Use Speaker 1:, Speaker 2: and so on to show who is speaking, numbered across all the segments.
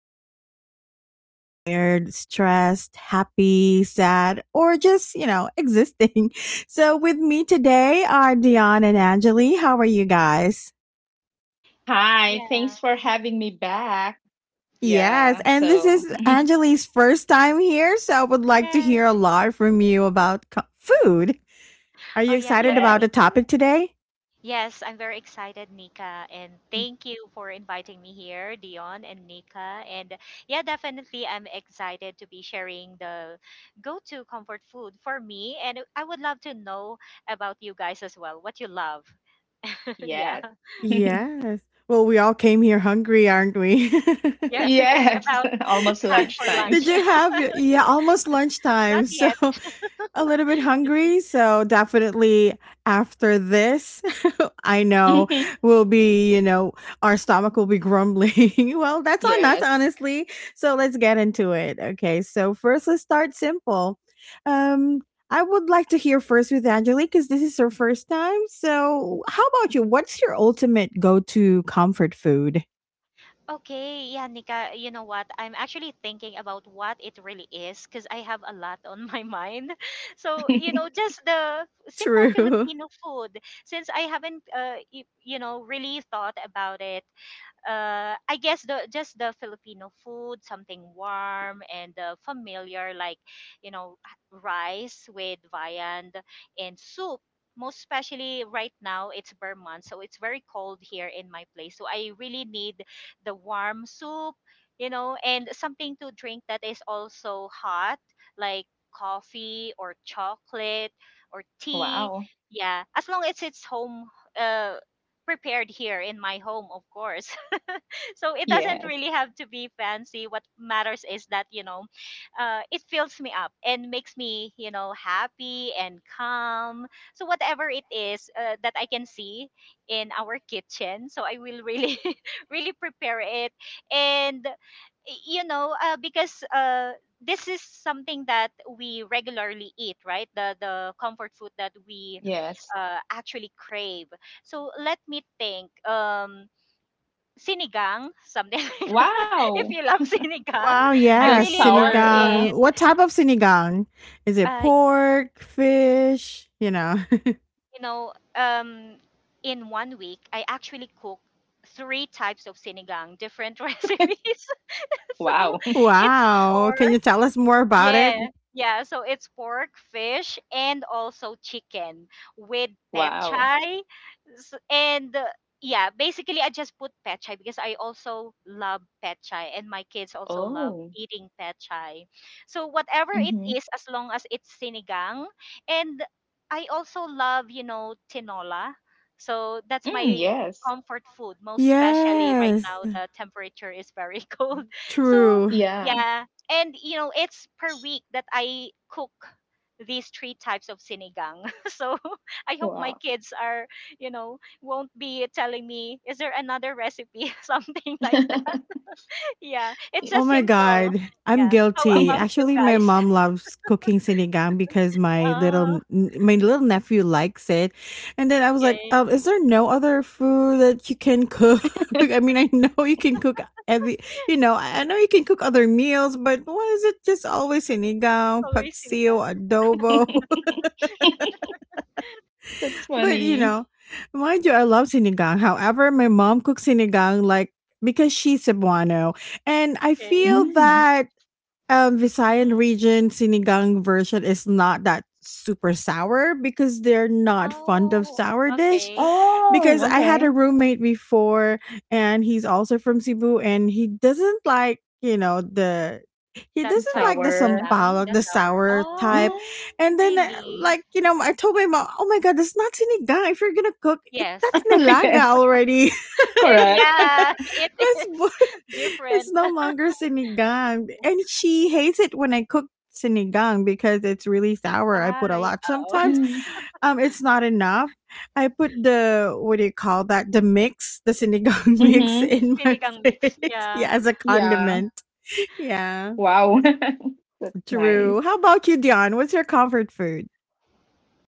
Speaker 1: you crave when you're tired, stressed, happy, sad, or just, existing. So, with me today are Dion and Anjali. How are you guys?
Speaker 2: Hi.
Speaker 3: Yeah.
Speaker 2: Thanks for having me back.
Speaker 1: Yes,
Speaker 2: Yeah.
Speaker 1: and this
Speaker 2: So,
Speaker 1: is Anjali's first time here, so I would like to hear a
Speaker 3: Yes.
Speaker 1: lot from you about food. Are
Speaker 3: Oh,
Speaker 1: you
Speaker 3: yeah,
Speaker 1: excited about the
Speaker 2: yes.
Speaker 3: definitely.
Speaker 1: topic today?
Speaker 3: Yes, I'm very excited, Nika, and
Speaker 1: Mm.
Speaker 3: thank you for inviting me here, Dion and Nika. And yeah, definitely, I'm excited to be sharing the go-to comfort food for me, and I would love to know about you guys as well, what you love. Yeah.
Speaker 2: Yes.
Speaker 1: Yes. Well, we all came here hungry, aren't we?
Speaker 3: Yes, it's
Speaker 2: yes.
Speaker 3: about
Speaker 2: Almost
Speaker 3: time for
Speaker 2: lunchtime.
Speaker 1: Did
Speaker 3: lunch.
Speaker 1: you have your, yeah, almost lunchtime.
Speaker 3: Not
Speaker 1: So
Speaker 3: yet.
Speaker 1: a little bit hungry. So definitely after this, I know
Speaker 2: Mhm.
Speaker 1: we'll be, our stomach will be grumbling. Well, that's on us,
Speaker 2: yes.
Speaker 1: honestly. So let's get into it. Okay. So first, let's start simple. Um, I would like to hear first with Angelique because this is her first time. So, how about you? What's your ultimate go to comfort food?
Speaker 3: Okay, yeah, Nika, you know what? I'm actually thinking about what it really is because I have a lot on my mind. So, you know, just the simple
Speaker 1: True.
Speaker 3: Filipino food, since I haven't, y- you know, really thought about it. I guess the just the Filipino food, something warm and familiar, like, you know, rice with viand and soup. Most especially right now, it's Burr month, so it's very cold here in my place. So I really need the warm soup, you know, and something to drink that is also hot, like coffee or chocolate or tea.
Speaker 2: wow.
Speaker 3: Yeah, as long as it's home uh, prepared here in my home, of course, so it doesn't
Speaker 2: Yes.
Speaker 3: really have to be fancy. What matters is that, you know, it fills me up and makes me, you know, happy and calm. So whatever it is, that I can see in our kitchen, so I will really really prepare it. And you know, because this is something that we regularly eat, right? The comfort food that we
Speaker 2: Yes.
Speaker 3: actually crave. So let me think. Sinigang, something like that.
Speaker 2: Wow.
Speaker 3: If you love sinigang,
Speaker 1: Wow,
Speaker 3: I
Speaker 2: The
Speaker 1: yes,
Speaker 3: really love
Speaker 2: sour. Yeah.
Speaker 1: sinigang.
Speaker 3: it.
Speaker 1: What type of sinigang? Is it
Speaker 3: Uh,
Speaker 1: pork, fish, you know?
Speaker 3: you know, in one week, I actually cook three types of sinigang, different recipes. So
Speaker 2: Wow.
Speaker 3: it's
Speaker 1: Wow.
Speaker 3: four.
Speaker 1: Can you tell us more about
Speaker 3: Yeah,
Speaker 1: it?
Speaker 3: yeah. So it's pork, fish, and also chicken with
Speaker 2: wow.
Speaker 3: pechay. And yeah, basically, I just put pechay because I also love pechay, and my kids also love
Speaker 2: Oh.
Speaker 3: eating pechay. So whatever it
Speaker 2: Mm-hmm.
Speaker 3: is, as long as it's sinigang, and I also love, you know, tinola. So that's
Speaker 2: Mm,
Speaker 3: my
Speaker 2: yes.
Speaker 3: comfort food, most especially right now
Speaker 1: Yes.
Speaker 3: the temperature is very cold. So
Speaker 1: True.
Speaker 2: Yeah.
Speaker 3: yeah, and you know it's per week that I cook these three types of sinigang. So I hope my
Speaker 2: Wow.
Speaker 3: kids are, you know, won't be telling me, is there another recipe? Something like that. Yeah, it's a
Speaker 1: Oh my god,
Speaker 3: simple,
Speaker 1: I'm
Speaker 3: yeah, how
Speaker 1: guilty.
Speaker 3: about you
Speaker 1: Actually, my
Speaker 3: guys?
Speaker 1: mom loves cooking sinigang because my little
Speaker 3: Ah.
Speaker 1: my little nephew likes it. And then I was like,
Speaker 3: Okay.
Speaker 1: is there no other food that you can cook? I mean, I know you can cook every, I know you can cook other meals, but why is it just always sinigang,
Speaker 3: Always
Speaker 1: paksiw,
Speaker 3: sinigang.
Speaker 1: adobo?
Speaker 2: That's
Speaker 1: But you
Speaker 2: funny.
Speaker 1: know, mind you, I love sinigang. However, my mom cooks sinigang like, because she's Cebuano, and I
Speaker 3: Okay.
Speaker 1: feel
Speaker 2: Mm.
Speaker 1: that Visayan
Speaker 3: Hmm.
Speaker 1: region sinigang version is not that super sour because they're not fond of
Speaker 3: Oh,
Speaker 1: sour dish
Speaker 3: okay.
Speaker 2: Oh,
Speaker 1: because
Speaker 3: Mm-hmm.
Speaker 1: I had a
Speaker 2: okay.
Speaker 1: roommate before and he's also from Cebu and he doesn't like, you know, the he
Speaker 3: That
Speaker 2: The
Speaker 1: doesn't
Speaker 3: type
Speaker 1: like
Speaker 3: of
Speaker 1: the
Speaker 2: tower.
Speaker 3: sinigang,
Speaker 1: sampalok,
Speaker 3: that's
Speaker 1: the
Speaker 3: our.
Speaker 1: sour type.
Speaker 3: Oh,
Speaker 2: Hmm
Speaker 1: And then
Speaker 3: really?
Speaker 1: like, you know, I told my mom, "Oh my god, that's not sinigang. If you're going to cook it, that's
Speaker 3: Yes.
Speaker 1: nilaga
Speaker 2: yes,
Speaker 1: already."
Speaker 3: Eh,
Speaker 2: correct.
Speaker 3: yeah, it
Speaker 1: That's
Speaker 3: is
Speaker 1: it's
Speaker 3: different.
Speaker 1: no longer sinigang. And she hates it when I cook sinigang because it's really sour. I put a
Speaker 3: Ay,
Speaker 1: lot.
Speaker 3: oo.
Speaker 1: Sometimes it's not enough. I put the, what do you call that? The mix, the sinigang mix
Speaker 2: Mm-hmm.
Speaker 1: in my
Speaker 3: Sinigang mix,
Speaker 1: plate.
Speaker 3: yeah.
Speaker 1: Yeah, as a
Speaker 2: Yeah.
Speaker 1: condiment. Yeah.
Speaker 2: Wow. That's nice.
Speaker 1: True. How about you, Dion? What's your comfort food?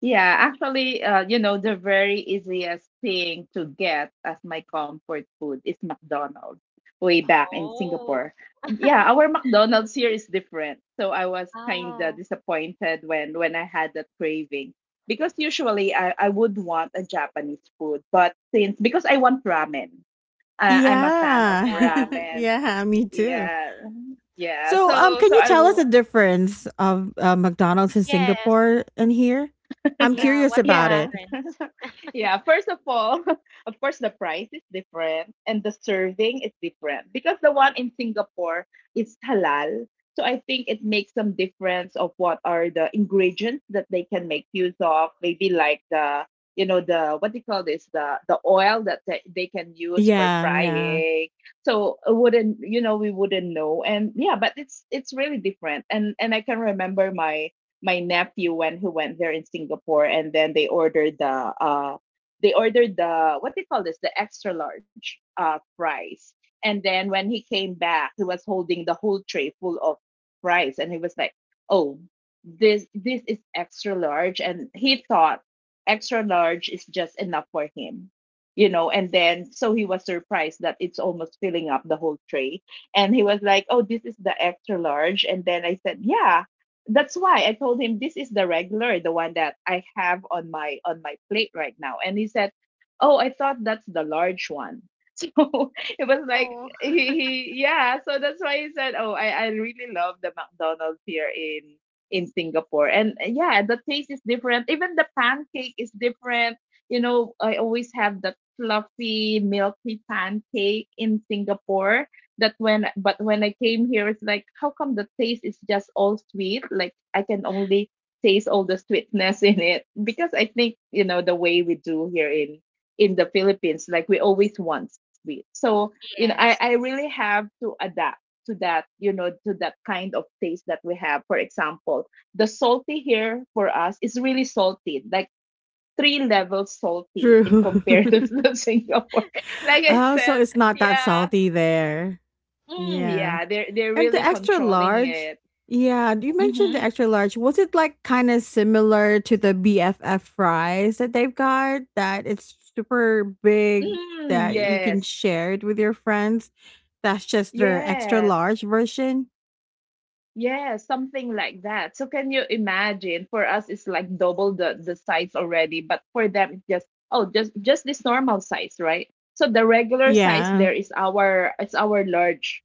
Speaker 2: Yeah, actually, you know, the very easiest thing to get as my comfort food is McDonald's way back in
Speaker 3: Oh,
Speaker 2: Singapore. Yeah, our McDonald's here is different. So I was kind of
Speaker 3: oh,
Speaker 2: disappointed when I had that craving because usually I would want a Japanese food, but since because I want ramen, I'm a fan of
Speaker 1: Yeah.
Speaker 3: yeah.
Speaker 2: ramen.
Speaker 1: Yeah, me too.
Speaker 2: Yeah, yeah.
Speaker 1: So,
Speaker 2: So
Speaker 1: can
Speaker 2: so
Speaker 1: you
Speaker 2: I
Speaker 1: tell us
Speaker 2: will.
Speaker 1: the difference of McDonald's in
Speaker 3: Yes,
Speaker 1: Singapore and here? I'm
Speaker 3: yeah.
Speaker 1: curious
Speaker 3: What's the
Speaker 1: about
Speaker 2: Yeah,
Speaker 1: it.
Speaker 3: difference?
Speaker 2: Yeah, first of all, of course, the price is different and the serving is different because the one in Singapore is halal. So I think it makes some difference of what are the ingredients that they can make use of. Maybe like you know, the what do you call this? The oil that they can use for
Speaker 1: Yeah, yeah.
Speaker 2: frying. So I wouldn't, you know, we wouldn't know. And yeah, but it's really different. And I can remember my nephew when who went there in Singapore, and then they ordered the what they call this, the extra large fries, and then when he came back, he was holding the whole tray full of fries, and he was like, "Oh, this is extra large," and he thought extra large is just enough for him, you know. And then so he was surprised that it's almost filling up the whole tray, and he was like, "Oh, this is the extra large." And then I said, "Yeah, that's why I told him, this is the regular, the one that I have on my plate right now." And he said, "Oh, I thought that's the large one." So it was like
Speaker 3: Oh,
Speaker 2: he yeah. So that's why he said, "Oh, I really love the McDonald's here in Singapore." And yeah, the taste is different. Even the pancake is different. You know, I always have that fluffy, milky pancake in Singapore that when I came here, it's like, how come the taste is just all sweet? Like I can only taste all the sweetness in it, because I think, you know, the way we do here in the Philippines, like we always want sweet. So you know, I
Speaker 3: yes.
Speaker 2: I really have to adapt to that, you know, to that kind of taste that we have. For example, the salty here for us is really salty, like three levels salty in
Speaker 1: True.
Speaker 2: compared to Singapore. Like I
Speaker 1: Oh, so
Speaker 2: said,
Speaker 1: it's not that
Speaker 2: yeah,
Speaker 1: salty there.
Speaker 2: mm,
Speaker 1: Yeah.
Speaker 2: yeah, they're
Speaker 1: And the
Speaker 2: really
Speaker 1: extra
Speaker 2: controlling
Speaker 1: large,
Speaker 2: it.
Speaker 1: yeah, you mentioned the
Speaker 2: Mm-hmm.
Speaker 1: extra large. Was it like kind of similar to the BFF fries that they've got? That it's super big
Speaker 2: Mm,
Speaker 1: that you can
Speaker 2: yes,
Speaker 1: share it with your friends. That's just their extra
Speaker 2: yes,
Speaker 1: large version.
Speaker 2: yes, something like that. So can you imagine? For us, it's like double the size already, but for them, it's just, oh, just this normal size, right? So the regular size
Speaker 1: Yeah,
Speaker 2: there is our, it's our large.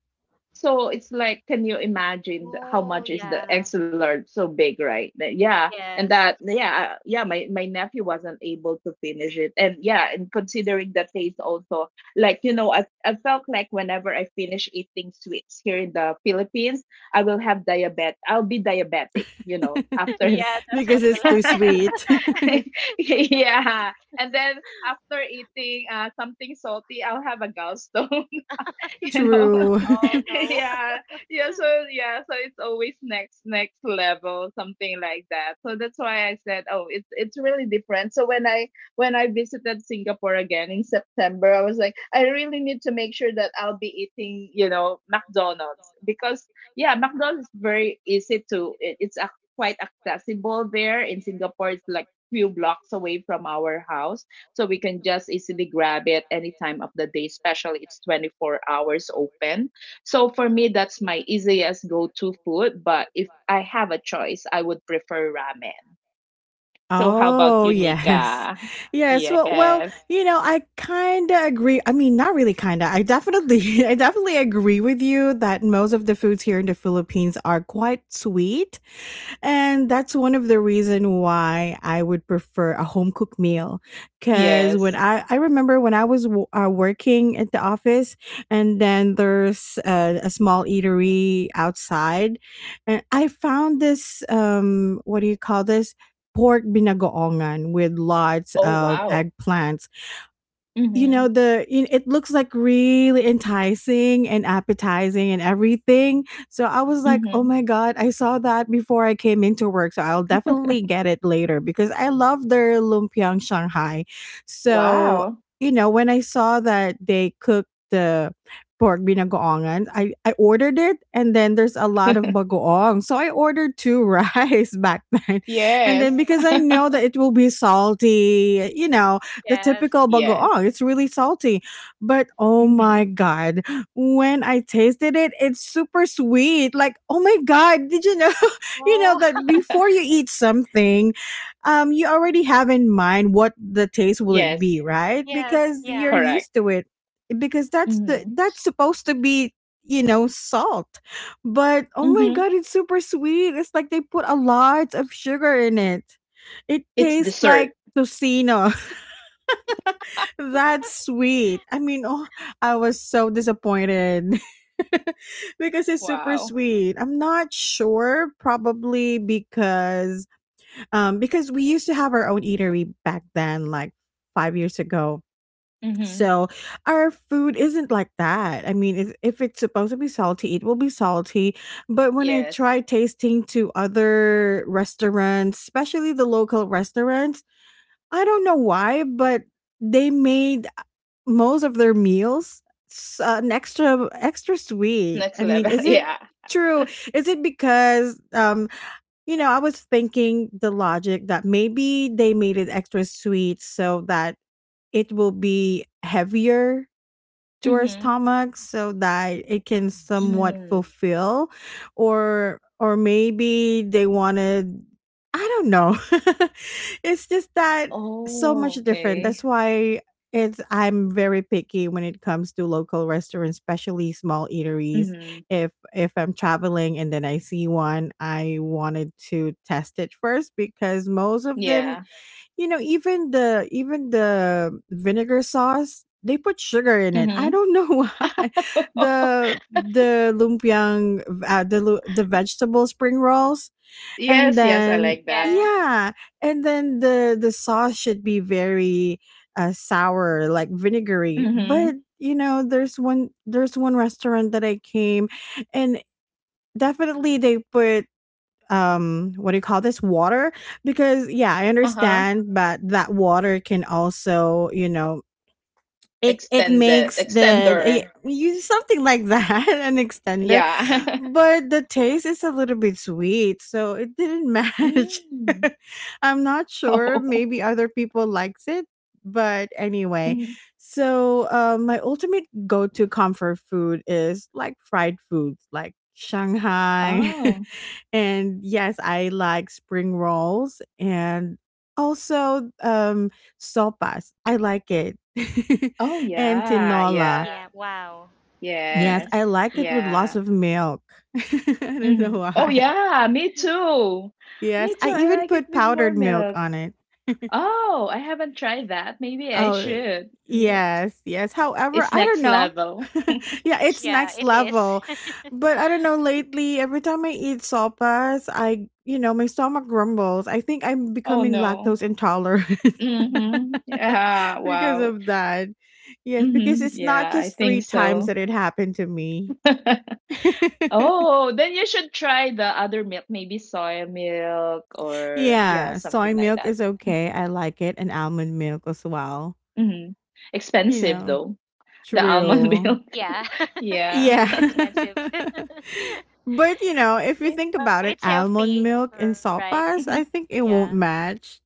Speaker 2: So it's like, can you imagine how
Speaker 3: Oh,
Speaker 2: much is the
Speaker 3: yeah.
Speaker 2: extra large, so big, right? That- yeah, and
Speaker 3: Yes.
Speaker 2: that yeah, yeah. My nephew wasn't able to finish it, and yeah, and considering the taste also, like you know, I felt like whenever I finish eating sweets here in the Philippines, I will have diabetes. I'll be diabetic, you know, after
Speaker 3: Yeah, that's
Speaker 1: because
Speaker 3: what will
Speaker 1: it's too
Speaker 3: happen.
Speaker 2: that.
Speaker 1: sweet.
Speaker 2: Yeah, and then after eating something salty, I'll have a gallstone, you know.
Speaker 1: True.
Speaker 3: Oh, no.
Speaker 2: Yeah, yeah. So yeah, so it's always next next level, something like that. So that's why I said, oh, it's really different. So when I visited Singapore again in September, I was like, I really need to make sure that I'll be eating, you know, McDonald's because, yeah, McDonald's is very easy to, quite accessible there in Singapore. It's like few blocks away from our house, so we can just easily grab it any time of the day, especially it's 24 hours open. So for me, that's my easiest go to food. But if I have a choice, I would prefer ramen. So how about
Speaker 1: Oh,
Speaker 2: you,
Speaker 1: yes.
Speaker 2: Nika?
Speaker 1: Yes. Well,
Speaker 2: Yes.
Speaker 1: you know, I kind of agree. I mean, not really kind of. I definitely I definitely agree with you that most of the foods here in the Philippines are quite sweet and that's one of the reason why I would prefer a home cooked meal because when
Speaker 2: Yes.
Speaker 1: I I remember when I was working at the office and then there's a small eatery outside and I found this what do you call this, pork binagoongan with lots
Speaker 2: Oh,
Speaker 1: of
Speaker 2: wow.
Speaker 1: eggplants. You
Speaker 2: Mm-hmm.
Speaker 1: know, the you, it looks like really enticing and appetizing and everything, so I was like, oh
Speaker 2: Mm-hmm.
Speaker 1: my god, I saw that before I came into work, so I'll definitely get it later because I love their lumpiang shanghai. So
Speaker 2: Wow.
Speaker 1: you know, when I saw that they cooked the pork binagoongan, I ordered it, and then there's a lot of bagoong, so I ordered two rice back then, and
Speaker 2: Yes.
Speaker 1: then because I know that it will be salty, you know, the
Speaker 3: Yes.
Speaker 1: typical
Speaker 2: Yes.
Speaker 1: bagoong. It's really salty. But oh
Speaker 2: Mm-hmm.
Speaker 1: my god, when I tasted it, it's super sweet. Like, oh my god, did you know you know
Speaker 3: Oh,
Speaker 1: that before you eat something, you already have in mind what the taste will it
Speaker 2: Yes.
Speaker 1: be, right?
Speaker 3: yes.
Speaker 1: Because you're
Speaker 3: Yeah.
Speaker 2: Correct.
Speaker 1: used to it. Because that's the
Speaker 2: Mm-hmm.
Speaker 1: that's supposed to be, you know, salt, but oh my
Speaker 2: Mm-hmm.
Speaker 1: god, it's super sweet. It's like they put a lot of sugar in it. It
Speaker 2: It's
Speaker 1: tastes
Speaker 2: dessert.
Speaker 1: like tocino, that's sweet. I mean, oh, I was so disappointed because it's super
Speaker 2: Wow.
Speaker 1: sweet. I'm not sure, probably because we used to have our own eatery back then, like 5 years ago.
Speaker 2: Mm-hmm.
Speaker 1: So, our food isn't like that. I mean, if it's supposed to be salty, it will be salty. But when I
Speaker 2: Yes.
Speaker 1: try tasting to other restaurants, especially the local restaurants, I don't know why, but they made most of their meals an extra extra sweet. I
Speaker 2: Next
Speaker 1: mean,
Speaker 2: level.
Speaker 1: is it
Speaker 2: Yeah.
Speaker 1: true? Is it because you know, I was thinking the logic that maybe they made it extra sweet so that it will be heavier to our
Speaker 2: Mm-hmm.
Speaker 1: stomachs so that it can somewhat
Speaker 2: Mm.
Speaker 1: fulfill, or maybe they wanted, I don't know. It's just that so much
Speaker 2: Oh,
Speaker 1: different. That's
Speaker 2: okay.
Speaker 1: why it's, I'm very picky when it comes to local restaurants, especially small
Speaker 2: Mm-hmm.
Speaker 1: eateries. If I'm traveling and then I see one, I wanted to test it first because most of
Speaker 2: Yeah.
Speaker 1: them, you know, even the vinegar sauce, they put sugar in it.
Speaker 2: Mm-hmm.
Speaker 1: I don't know why. The lumpiang, the vegetable spring rolls, and
Speaker 2: Yes, yes, I
Speaker 1: then
Speaker 2: like that.
Speaker 3: Yeah.
Speaker 1: yeah, and then the sauce should be very sour, like vinegary.
Speaker 2: Mm-hmm.
Speaker 1: But you know, there's one restaurant that I came, and definitely they put what do you call this, water, because yeah, I
Speaker 2: Uh-huh.
Speaker 1: understand, but that water can also, you know, it
Speaker 2: Extended,
Speaker 1: makes the
Speaker 2: extender.
Speaker 1: you, something like that, an extender,
Speaker 2: Yeah.
Speaker 1: but the taste is a little bit sweet, so it didn't match.
Speaker 2: Mm.
Speaker 1: I'm not sure,
Speaker 2: Oh.
Speaker 1: maybe other people likes it, but anyway,
Speaker 2: Mhm.
Speaker 1: so my ultimate go-to comfort food is like fried foods like shanghai.
Speaker 2: Oh.
Speaker 1: And yes, I like spring rolls and also sopas. I like it.
Speaker 2: Oh
Speaker 1: And
Speaker 2: yeah. Yeah.
Speaker 1: tinola.
Speaker 3: Yeah. Wow.
Speaker 1: Yes, I
Speaker 2: Yes.
Speaker 1: like it with lots
Speaker 2: Yeah.
Speaker 1: of milk. I don't know
Speaker 2: hmm Oh
Speaker 1: why.
Speaker 2: yeah, me too.
Speaker 1: Yes,
Speaker 2: Me
Speaker 1: I
Speaker 2: too. I
Speaker 1: even
Speaker 2: like it
Speaker 1: put
Speaker 2: with more
Speaker 1: powdered milk
Speaker 2: milk.
Speaker 1: on it.
Speaker 2: Oh, I haven't tried that. Maybe I
Speaker 1: Oh,
Speaker 2: should. Yeah.
Speaker 1: yes, yes. However,
Speaker 2: It's
Speaker 1: I don't
Speaker 2: next
Speaker 1: know.
Speaker 2: level.
Speaker 1: Yeah, it's
Speaker 3: Yeah,
Speaker 1: next
Speaker 3: it is.
Speaker 1: level. But I don't know, lately, every time I eat sopas, my stomach grumbles. I think I'm
Speaker 2: Oh
Speaker 1: becoming
Speaker 2: no.
Speaker 1: lactose intolerant
Speaker 2: Mm-hmm. Yeah.
Speaker 1: because
Speaker 2: Wow.
Speaker 1: of that. Yes, because
Speaker 2: Mm-hmm.
Speaker 1: it's not
Speaker 2: Yeah, I
Speaker 1: just
Speaker 2: think
Speaker 1: three times
Speaker 2: so.
Speaker 1: that it happened to me.
Speaker 2: Oh, then you should try the other milk, maybe soy milk or yeah,
Speaker 1: Yeah, soy
Speaker 2: something like
Speaker 1: milk
Speaker 2: that.
Speaker 1: is okay. I like it. And almond milk as well.
Speaker 2: Hmm
Speaker 1: You
Speaker 2: Expensive
Speaker 1: know,
Speaker 2: though, the almond
Speaker 1: true.
Speaker 2: milk.
Speaker 3: Yeah.
Speaker 2: Yeah.
Speaker 3: It
Speaker 1: Yeah.
Speaker 3: is expensive.
Speaker 1: But you know, if you
Speaker 2: Yeah,
Speaker 1: think
Speaker 3: But it's
Speaker 1: about it,
Speaker 3: healthy,
Speaker 1: almond
Speaker 3: right?
Speaker 1: milk in sopas,
Speaker 2: mhm,
Speaker 3: Yeah.
Speaker 1: I think it won't match.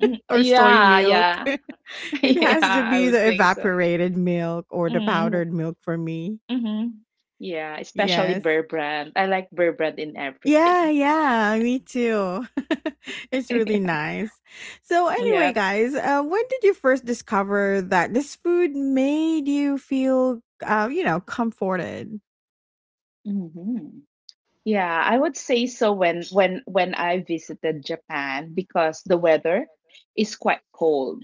Speaker 2: mhm.
Speaker 1: Or soy
Speaker 2: Yeah,
Speaker 1: milk.
Speaker 2: yeah.
Speaker 1: It
Speaker 2: Yeah,
Speaker 1: has to
Speaker 2: I
Speaker 1: be
Speaker 2: would
Speaker 1: the
Speaker 2: think so.
Speaker 1: evaporated milk or the
Speaker 2: Mm,
Speaker 1: powdered milk for me.
Speaker 2: mm-hmm. Yeah, especially
Speaker 1: Yes.
Speaker 2: Burr brand. I like Burr brand in everything.
Speaker 1: Yeah, yeah, me too. It's really nice. So,
Speaker 2: Yeah.
Speaker 1: anyway,
Speaker 2: Yep.
Speaker 1: guys, when did you first discover that this food made you feel, you know, comforted?
Speaker 2: hmm Yeah, I would say so, when when I visited Japan because the weather is quite cold.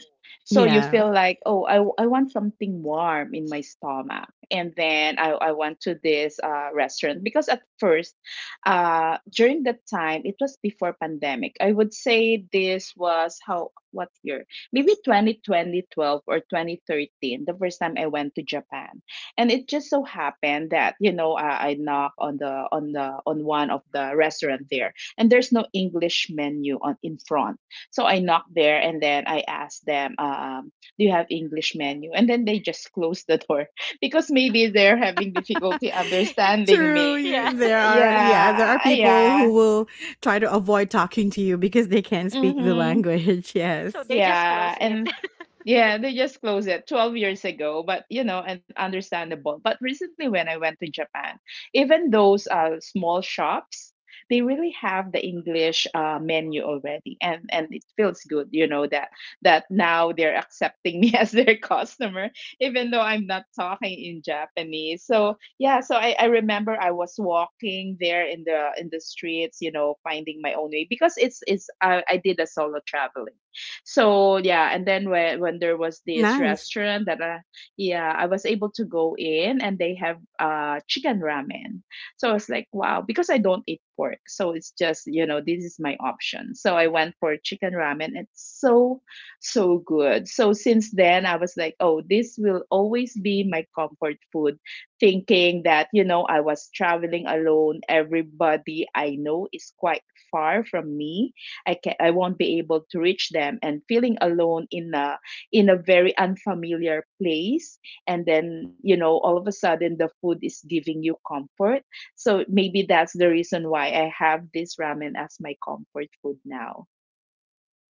Speaker 2: So you
Speaker 1: Yeah.
Speaker 2: feel like, oh, I want something warm in my stomach. And then I went to this restaurant because at first, during that time, it was before pandemic. I would say this was how, what year? Maybe 2020 12 or 2013, the first time I went to Japan. And it just so happened that you know I knock on the on the on one of the restaurant there and there's no English menu on in front. So I knocked there and then I asked them, do you have English menu? And then they just closed the door because maybe they're having difficulty understanding
Speaker 1: True,
Speaker 3: Yeah.
Speaker 2: me.
Speaker 1: you, there
Speaker 2: Y-
Speaker 1: are, yeah, there are
Speaker 2: yeah
Speaker 1: people
Speaker 2: yeah
Speaker 1: who will try to avoid talking to you because they can't speak the
Speaker 2: Hmm
Speaker 1: language.
Speaker 3: So they
Speaker 1: Yes.
Speaker 3: just close
Speaker 2: Yeah,
Speaker 3: it.
Speaker 2: and yeah, they just closed it 12 years ago, but you know, and understandable. But recently, when I went to Japan, even those small shops, they really have the English menu already, and it feels good, you know, that that now they're accepting me as their customer, even though I'm not talking in Japanese. So yeah, so I remember I was walking there in the streets, you know, finding my own way because it's I did a solo traveling. So yeah, and then when there was this
Speaker 1: Nice.
Speaker 2: restaurant that yeah, I was able to go in, and they have chicken ramen. So I was like, wow, because I don't eat pork. So it's just, you know, this is my option. So I went for chicken ramen. It's so good. So since then I was like, oh, this will always be my comfort food, thinking that you know I was traveling alone. Everybody I know is quite far from me. I won't be able to reach them, and feeling alone in a very unfamiliar place, and then you know all of a sudden the food is giving you comfort. So maybe that's the reason why I have this ramen as my comfort food now,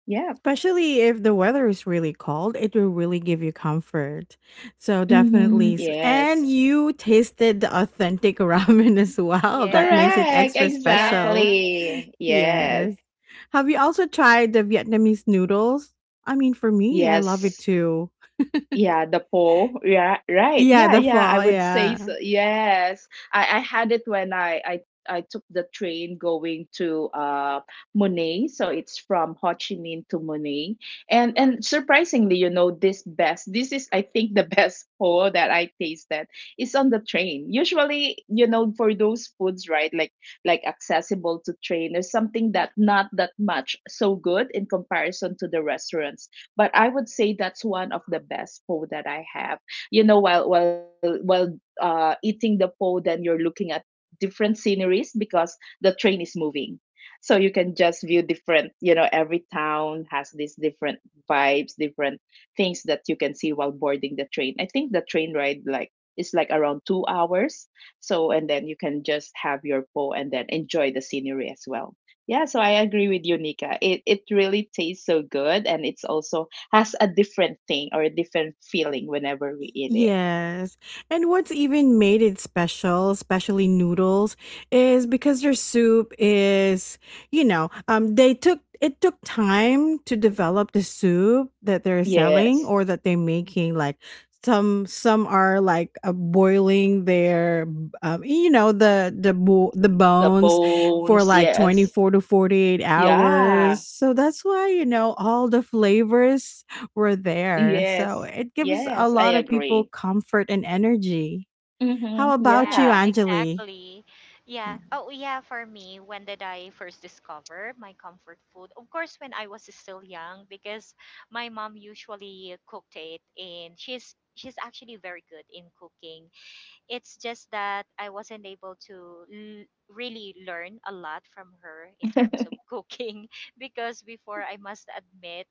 Speaker 2: yeah.
Speaker 1: Especially if the weather is really cold, it will really give you comfort. So
Speaker 2: hmm
Speaker 1: definitely and
Speaker 2: Yes,
Speaker 1: you tasted the authentic ramen as well. That makes it
Speaker 3: Yes.
Speaker 2: correct,
Speaker 1: extra special.
Speaker 3: Yeah.
Speaker 2: exactly, yes,
Speaker 1: Yes. Have you also tried the Vietnamese noodles? I mean, for me, I love it
Speaker 2: yes.
Speaker 1: too.
Speaker 2: Yeah, the pole. Yeah, right.
Speaker 1: Yeah,
Speaker 2: Yeah,
Speaker 1: the
Speaker 2: yeah. I
Speaker 1: pho,
Speaker 2: would say
Speaker 1: yeah.
Speaker 2: so. Yes, I had it when I I took the train going to Monet. So it's from Ho Chi Minh to Monet, and surprisingly, you know, this best. This is I think the best pole that I tasted is on the train. Usually, you know, for those foods, right? Like accessible to train or something that not that much so good in comparison to the restaurants, but I would say that's one of the best po that I have. You know, while eating the po, then you're looking at different sceneries because the train is moving. So you can just view different, you know, every town has these different vibes, different things that you can see while boarding the train. I think the train ride like is like around 2 hours. So and then you can just have your po and then enjoy the scenery as well. Yeah, so I agree with you, Nika. It really tastes so good, and it's also has a different thing or a different feeling whenever we
Speaker 1: Y-
Speaker 2: eat it.
Speaker 1: Yes. And what's even made it special, especially noodles, is because their soup is, you know, they took, it took time to develop the soup that they're selling
Speaker 2: Yes.
Speaker 1: or that they're making, like some are like boiling their you know, the the
Speaker 2: The
Speaker 1: bones for
Speaker 2: bones,
Speaker 1: like
Speaker 2: yes.
Speaker 1: 24 to 48
Speaker 2: Yeah.
Speaker 1: hours. So that's why, you know, all the flavors were there. So
Speaker 2: Yes.
Speaker 1: it gives a
Speaker 2: Yes, I
Speaker 1: lot of people
Speaker 2: agree.
Speaker 1: comfort and energy.
Speaker 2: Mm-hmm.
Speaker 1: How about you,
Speaker 3: Yeah,
Speaker 2: Yeah.
Speaker 1: Angeli?
Speaker 3: exactly. Yeah. Oh, yeah, for me, when did I first discover my comfort food? Of course, when I was still young because my mom usually cooked it and she's actually very good in cooking. It's just that I wasn't able to really learn a lot from her in terms of cooking because before I must admit,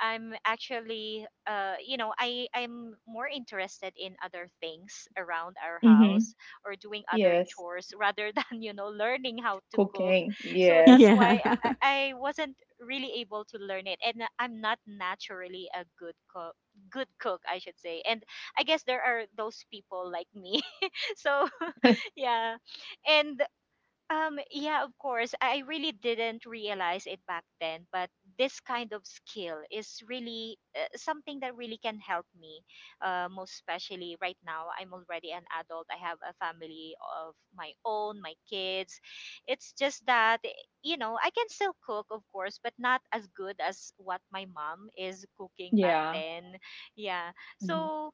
Speaker 3: I'm actually, you know, I'm more interested in other things around our
Speaker 2: Mm-hmm.
Speaker 3: house or doing other
Speaker 2: Yes.
Speaker 3: chores rather than, you know, learning how to cook.
Speaker 2: Cooking.
Speaker 3: So that's
Speaker 2: Yes.
Speaker 1: Yeah.
Speaker 3: why I, I I wasn't really able to learn it, and I'm not naturally a good cook. Good cook, I should say. And I guess there are those people like me. So, yeah. And yeah, of course. I really didn't realize it back then, but this kind of skill is really something that really can help me. Most especially right now, I'm already an adult. I have a family of my own, my kids. It's just that, you know, I can still cook, of course, but not as good as what my mom is cooking back
Speaker 2: Yeah.
Speaker 3: then. Yeah.
Speaker 2: hmm
Speaker 3: So,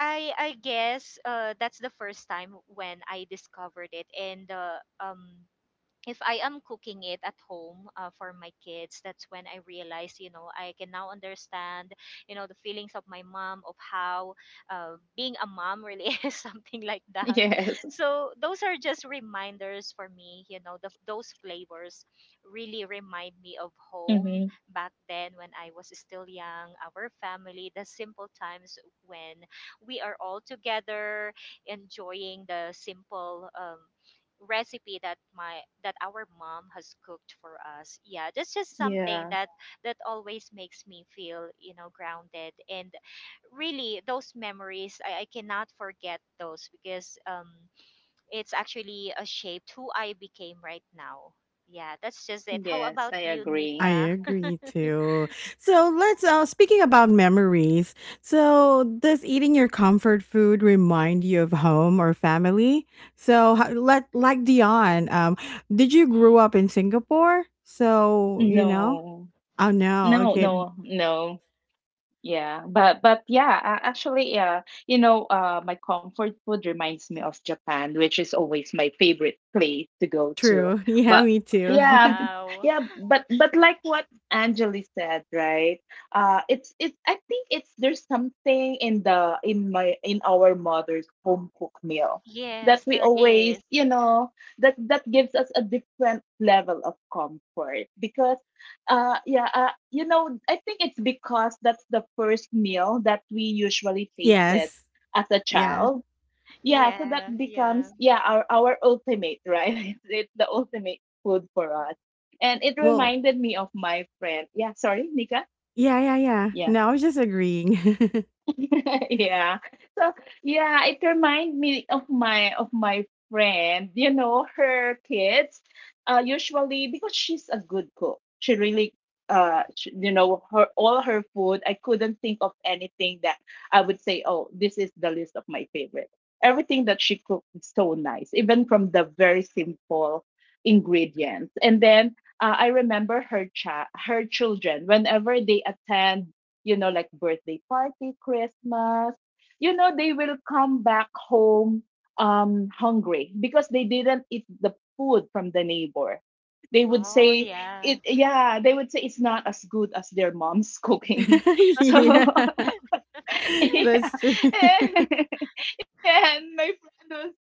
Speaker 3: I guess that's the first time when I discovered it, and if I am cooking it at home for my kids, that's when I realized, you know, I can now understand, you know, the feelings of my mom, of how being a mom really is something like that.
Speaker 2: Yes.
Speaker 3: So those are just reminders for me, you know, those flavors really remind me of home
Speaker 2: Mm-hmm.
Speaker 3: back then when I was still young, our family, the simple times when we are all together enjoying the simple recipe that my that our mom has cooked for us. Yeah, that's just something
Speaker 2: Yeah.
Speaker 3: that that always makes me feel, you know, grounded, and really those memories I cannot forget those because it's actually shaped who I became right now. Yeah, that's just it. How
Speaker 2: Yes,
Speaker 3: about
Speaker 2: I
Speaker 3: you,
Speaker 1: I
Speaker 2: agree.
Speaker 3: Nika?
Speaker 1: agree too. So let's speaking about memories. So does eating your comfort food remind you of home or family? So let, like Dion, did you grew
Speaker 3: Hmm.
Speaker 1: up in Singapore? So, you know?
Speaker 2: No.
Speaker 1: Oh no.
Speaker 2: No,
Speaker 1: Okay.
Speaker 2: no, no. Yeah, but yeah, actually, yeah, you know, my comfort food reminds me of Japan, which is always my favorite place to go to.
Speaker 1: True. Yeah,
Speaker 2: But
Speaker 1: me too.
Speaker 2: yeah,
Speaker 3: Wow.
Speaker 2: yeah, but like what Angeli said, right? It's I think it's there's something in the in my in our mother's home cooked meal that
Speaker 3: Yes,
Speaker 2: we
Speaker 3: there
Speaker 2: always,
Speaker 3: is.
Speaker 2: you know, that gives us a different level of comfort because I think it's because that's the first meal that we usually tasted
Speaker 1: Yes.
Speaker 2: as a
Speaker 1: Yes.
Speaker 2: child. Yeah, so that
Speaker 3: Yeah.
Speaker 2: becomes
Speaker 3: Yeah.
Speaker 2: our ultimate, right? It's the ultimate food for us, and it
Speaker 1: Well,
Speaker 2: reminded me of my friend. Yeah, sorry, Nika.
Speaker 1: yeah, yeah, yeah.
Speaker 2: Yeah.
Speaker 1: No, I was just agreeing.
Speaker 2: yeah. So yeah, it reminds me of my friend. Her kids, usually because she's a good cook. She really, sh you know, her all her food. I couldn't think of anything that I would say, oh, this is the list of my favorite. Everything that she cooked is so nice, even from the very simple ingredients. And then I remember her children whenever they attend like birthday party, Christmas, they will come back home hungry because they didn't eat the food from the neighbor. They would
Speaker 3: Oh, yeah.
Speaker 2: say it's not as good as their mom's cooking. So
Speaker 1: Yeah.
Speaker 2: Yeah.
Speaker 1: That's true.
Speaker 2: Yeah, and my friend was so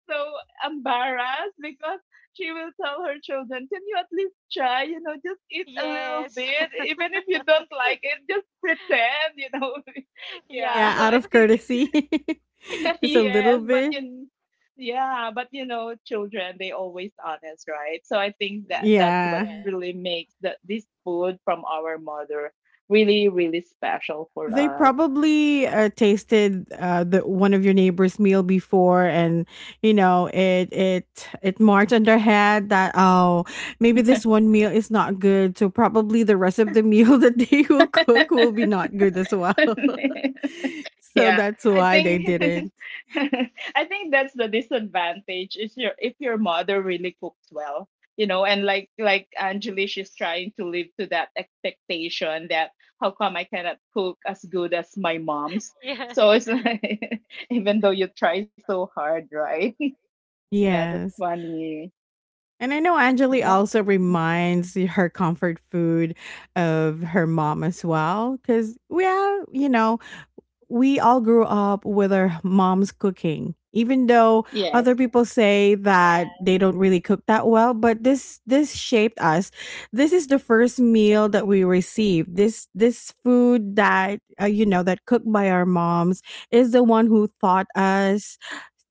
Speaker 2: embarrassed because she will tell her children, "Can you at least try? You know, just eat a little
Speaker 3: Yes.
Speaker 2: bit. Even if you don't like it, just pretend, you know. Yeah.
Speaker 3: Yeah.
Speaker 2: So
Speaker 1: Yeah, out
Speaker 2: I
Speaker 1: of
Speaker 2: think,
Speaker 1: courtesy. Just a little
Speaker 2: yes, but
Speaker 1: bit.
Speaker 2: you. Yeah, but children, they always honest, right? So I think that
Speaker 3: Yeah.
Speaker 2: that's what
Speaker 1: Yeah.
Speaker 2: really makes this food from our mother really, really special for
Speaker 1: They
Speaker 2: us.
Speaker 1: probably tasted the one of your neighbor's meal before, and you know it marked on their head that oh, maybe this one meal is not good, so probably the rest of the meal that they will cook will be not good as well. So
Speaker 2: yeah,
Speaker 1: that's
Speaker 2: I
Speaker 1: why they
Speaker 2: think
Speaker 1: didn't.
Speaker 2: I think that's the disadvantage is your if your mother really cooks well, and like Angeli, she's trying to live to that expectation that how come I cannot cook as good as my mom's.
Speaker 3: Yes.
Speaker 2: So it's like even though you try so hard, right? Yeah, that's
Speaker 1: Yes.
Speaker 2: funny.
Speaker 1: And I know Anjali
Speaker 2: Yeah.
Speaker 1: also reminds her comfort food of her mom as well. Cause, yeah, you know, we all grew up with our moms cooking even though
Speaker 2: Yes.
Speaker 1: other people say that
Speaker 3: Yes.
Speaker 1: they don't really cook that well, but this shaped us. This is the first meal that we received, this food that you know that cooked by our moms, is the one who taught us,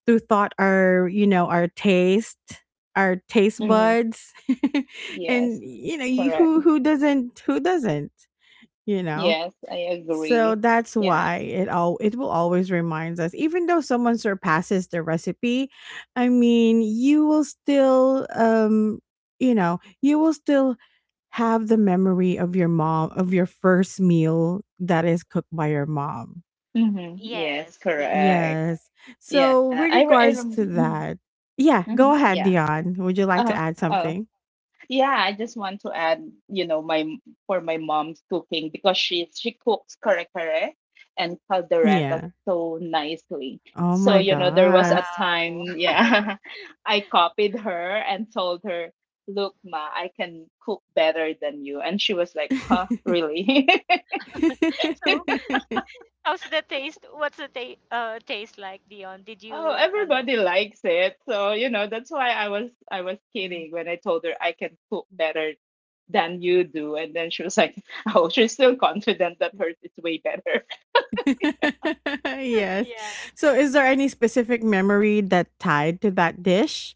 Speaker 1: who taught our, you know, our taste, our taste
Speaker 2: Hmm.
Speaker 1: buds. And
Speaker 2: Yes,
Speaker 1: you know you-
Speaker 2: correct.
Speaker 1: who who doesn't who doesn't you know.
Speaker 2: Yes, I
Speaker 1: So
Speaker 2: agree.
Speaker 1: that's
Speaker 2: Yeah.
Speaker 1: why it all, it will always reminds us. Even though someone surpasses the recipe, I mean, you will still you know, you will still have the memory of your mom, of your first meal that is cooked by your mom.
Speaker 2: Mhm. Yes,
Speaker 3: Yes. Yeah.
Speaker 2: correct.
Speaker 1: Yes.
Speaker 2: Yeah,
Speaker 1: So
Speaker 2: I
Speaker 1: with
Speaker 2: re- I rem-
Speaker 1: regards to
Speaker 2: mhm,
Speaker 1: that, yeah,
Speaker 2: mhm,
Speaker 1: go
Speaker 2: yeah.
Speaker 1: ahead, Dion. Would you like
Speaker 2: Uh,
Speaker 1: to add
Speaker 2: oh,
Speaker 1: something?
Speaker 2: Yeah, I just want to add, for my mom's cooking because she cooks kare kare and caldereta
Speaker 1: Yeah.
Speaker 2: so nicely.
Speaker 1: Oh
Speaker 2: So
Speaker 1: my
Speaker 2: there was a
Speaker 1: gosh.
Speaker 2: time,
Speaker 3: Wow.
Speaker 2: yeah, I copied her and told her, "Look, ma, I can cook better than you," and she was like, "Huh, really?"
Speaker 3: So, how's the taste? What's the ta taste like, Dion? Did
Speaker 2: Oh,
Speaker 3: you no?
Speaker 2: everybody likes it. So, that's why I was kidding when I told her I can cook better than you do. And then she was like, oh, she's still confident that hers is way better.
Speaker 1: Yes.
Speaker 3: Yeah.
Speaker 1: So, is there any specific memory that tied to that dish?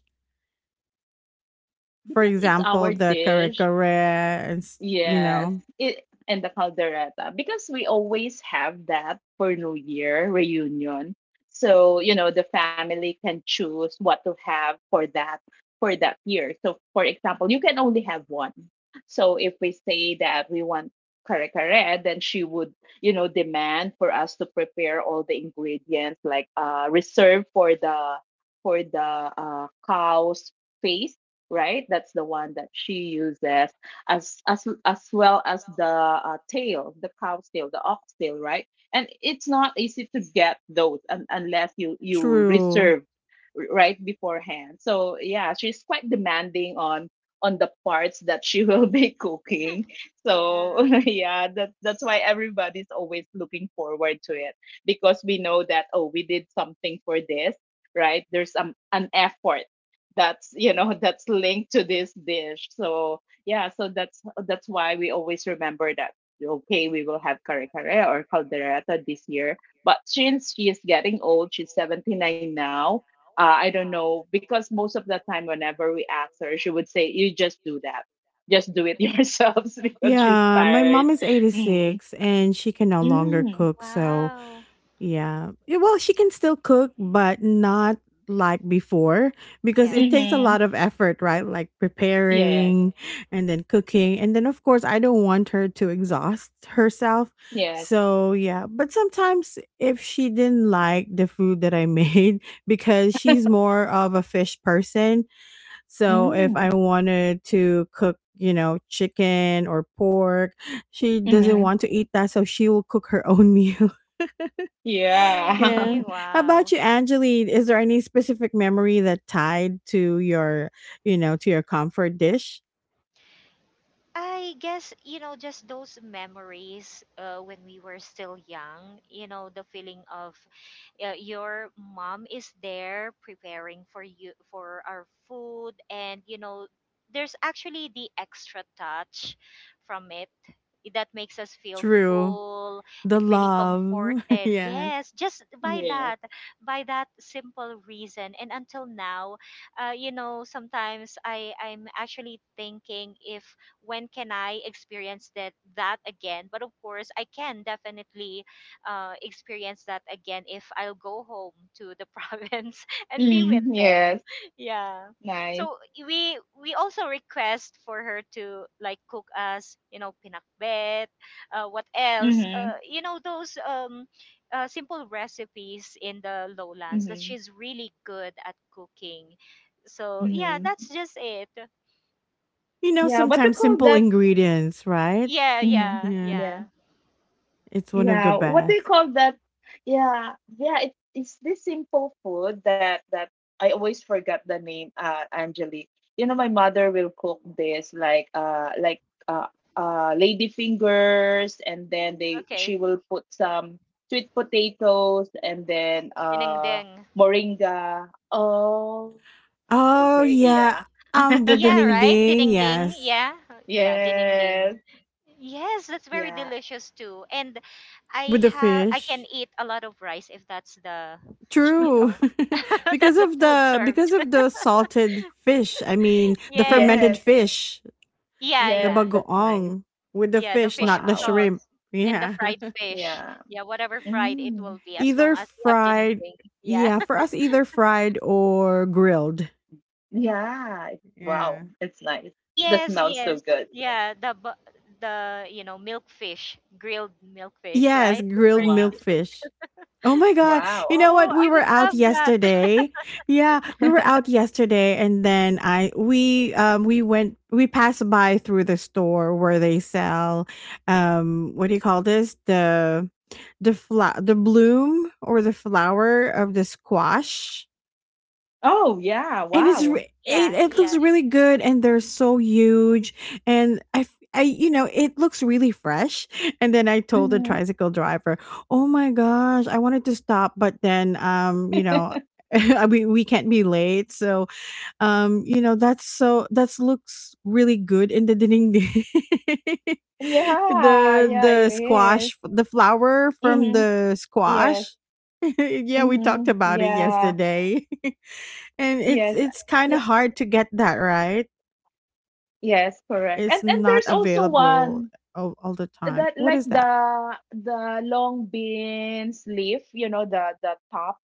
Speaker 1: For
Speaker 2: Because it's
Speaker 1: example,
Speaker 2: our
Speaker 1: the kare
Speaker 2: dish.
Speaker 1: kare, and s- you
Speaker 2: Yes,
Speaker 1: know,
Speaker 2: it and the caldereta, because we always have that for New Year reunion. So, the family can choose what to have for that year. So, for example, you can only have one. So, if we say that we want kare kare, then she would, demand for us to prepare all the ingredients, like reserve for the cow's face, right? That's the one that she uses as well as the tail, the cow's tail, the ox tail, right? And it's not easy to get those unless you
Speaker 1: true.
Speaker 2: reserve right beforehand. So yeah, she's quite demanding on the parts that she will be cooking. So
Speaker 3: Yeah.
Speaker 2: yeah, that's why everybody's always looking forward to it because we know that oh, we did something for this, right? There's an effort that's that's linked to this dish. So yeah, so that's why we always remember that okay, we will have kare kare or caldereta this year. But since she is getting old, she's 79 now. I don't know, because most of the time whenever we ask her she would say, "You just do that, just do it yourselves," because she's
Speaker 1: Yeah, my mom
Speaker 2: tired.
Speaker 1: is
Speaker 2: mm,
Speaker 1: 86 and she can no longer
Speaker 2: mm,
Speaker 1: cook. So,
Speaker 3: Wow.
Speaker 1: yeah. Yeah, well, she can still cook, but not like before, because it
Speaker 3: Yes.
Speaker 1: takes a lot
Speaker 2: mm-hmm.
Speaker 1: of effort, right? Like
Speaker 2: Yes,
Speaker 1: preparing and then cooking. And then, of course, I don't want her to exhaust herself.
Speaker 2: yes.
Speaker 1: So, yeah. But sometimes if she didn't like the food that I made, because she's more of a fish person. So, if I
Speaker 2: mm,
Speaker 1: wanted to cook, you know, chicken or pork, she doesn't
Speaker 2: mm-hmm.
Speaker 1: want to eat that. So, she will cook her own meal.
Speaker 3: Oh,
Speaker 2: Yeah.
Speaker 1: Yeah.
Speaker 3: really?
Speaker 1: How about
Speaker 3: Wow.
Speaker 1: you, Angeline? Is there any specific memory that tied to your, you know, to your comfort dish?
Speaker 3: I guess, you know, just those memories when we were still young, you know, the feeling of your mom is there preparing for you for our food, and you know there's actually the extra touch from it that makes us feel
Speaker 1: True.
Speaker 3: full
Speaker 1: The
Speaker 3: and really
Speaker 1: love.
Speaker 3: comforted.
Speaker 1: Yeah.
Speaker 3: Yes, just
Speaker 2: Yes.
Speaker 3: by that simple reason. And until now, you know, sometimes I'm actually thinking if when can I experience that that again. But of course, I can definitely experience that again if I'll go home to the province and be with them.
Speaker 2: Yes.
Speaker 3: Yeah.
Speaker 2: Nice.
Speaker 3: So we also request for her to like cook us, you know, pinakbet, what else?
Speaker 2: Mm-hmm.
Speaker 3: You know those simple recipes in the lowlands that
Speaker 2: Mm-hmm.
Speaker 3: she's really good at cooking. So yeah, that's
Speaker 2: Mm-hmm.
Speaker 3: just it.
Speaker 1: You know,
Speaker 2: Yeah, what they
Speaker 1: sometimes
Speaker 2: call
Speaker 1: simple
Speaker 2: that.
Speaker 1: ingredients, right?
Speaker 3: Yeah,
Speaker 2: Mhm.
Speaker 3: yeah,
Speaker 1: Yeah.
Speaker 2: Yeah.
Speaker 3: yeah.
Speaker 1: It's one of the
Speaker 2: Yeah, what they
Speaker 1: best.
Speaker 2: call that. Yeah, yeah, it, it's this simple food that I always forgot the name, uh, Angeli. You know, my mother will cook this like uh lady fingers, and then they
Speaker 3: Okay.
Speaker 2: she will put some sweet potatoes and then
Speaker 3: Dinengdeng.
Speaker 2: moringa. Oh,
Speaker 1: Oh
Speaker 2: okay,
Speaker 1: yeah.
Speaker 2: yeah.
Speaker 1: Um, the
Speaker 3: Yeah,
Speaker 1: ding
Speaker 3: right?
Speaker 1: ding,
Speaker 3: Dinding,
Speaker 1: yes.
Speaker 3: yeah. Yeah,
Speaker 2: Yes.
Speaker 3: dinding. Yes, that's very
Speaker 2: Yeah.
Speaker 3: delicious too. And I
Speaker 1: With the
Speaker 3: have, I can
Speaker 1: fish.
Speaker 3: eat a lot of rice if that's the, you
Speaker 1: True.
Speaker 3: know,
Speaker 1: Because
Speaker 3: that's the
Speaker 1: of
Speaker 3: food
Speaker 1: the,
Speaker 3: served.
Speaker 1: because of the salted fish. I mean the
Speaker 3: Yes.
Speaker 1: fermented
Speaker 2: Yes.
Speaker 1: fish.
Speaker 3: Yeah,
Speaker 1: The yeah,
Speaker 2: Yes,
Speaker 3: yeah.
Speaker 2: that's nice.
Speaker 1: bagoong with the
Speaker 3: Yeah, the
Speaker 1: fish,
Speaker 3: fish
Speaker 1: not the
Speaker 2: Wow.
Speaker 1: shrimp.
Speaker 3: sauce and the
Speaker 1: Yeah.
Speaker 3: fried fish.
Speaker 2: Yeah.
Speaker 3: Yeah, whatever fried it will
Speaker 2: Mm.
Speaker 3: be as long
Speaker 1: Either
Speaker 3: as you have dinding.
Speaker 1: fried,
Speaker 3: Yeah.
Speaker 1: yeah, for us either fried or grilled.
Speaker 2: Yeah.
Speaker 1: Yeah.
Speaker 2: Wow. It's nice. The
Speaker 3: Yes,
Speaker 2: smells so
Speaker 3: yes.
Speaker 2: good.
Speaker 3: Yeah, the the, you know, milkfish, grilled milkfish,
Speaker 1: Yes,
Speaker 3: right? It's
Speaker 1: grilled
Speaker 3: very
Speaker 2: Wow.
Speaker 3: delicious.
Speaker 1: milkfish. Oh my god. You
Speaker 2: Wow.
Speaker 1: know
Speaker 3: Oh,
Speaker 1: what? We
Speaker 3: I
Speaker 1: were
Speaker 3: would
Speaker 1: out
Speaker 3: love that.
Speaker 1: yesterday. Yeah, we were out yesterday and then I, we, um, we went, we passed by through the store where they sell, um, what do you call this? The flower, the bloom or the flower of the squash,
Speaker 2: Oh, yeah.
Speaker 1: and it's
Speaker 2: Wow.
Speaker 1: re- it,
Speaker 3: Yeah,
Speaker 1: it
Speaker 3: yeah.
Speaker 1: looks really good and they're so huge, and I f- I, you know, it looks really fresh, and then I told the
Speaker 2: Hmm.
Speaker 1: tricycle driver, oh my gosh, I wanted to stop, but then, um, you know, we can't be late, so, um, you know, that's so that's looks really good in the ding ding."
Speaker 2: Yeah.
Speaker 1: the
Speaker 2: Yeah, it
Speaker 1: the
Speaker 2: is.
Speaker 1: squash, the flower from
Speaker 2: Mm-hmm.
Speaker 1: the
Speaker 2: Yes.
Speaker 1: squash. Yeah, we talked
Speaker 2: Mm-hmm.
Speaker 1: about it
Speaker 2: Yeah.
Speaker 1: yesterday. And it's
Speaker 2: Yes.
Speaker 1: it's kind of
Speaker 2: Yeah.
Speaker 1: hard to get that, right?
Speaker 2: Yes, correct.
Speaker 1: It's
Speaker 2: And
Speaker 1: not
Speaker 2: there's also
Speaker 1: available
Speaker 2: one
Speaker 1: all the time.
Speaker 2: that
Speaker 1: What
Speaker 2: like
Speaker 1: is that?
Speaker 2: the long beans leaf, you know, the top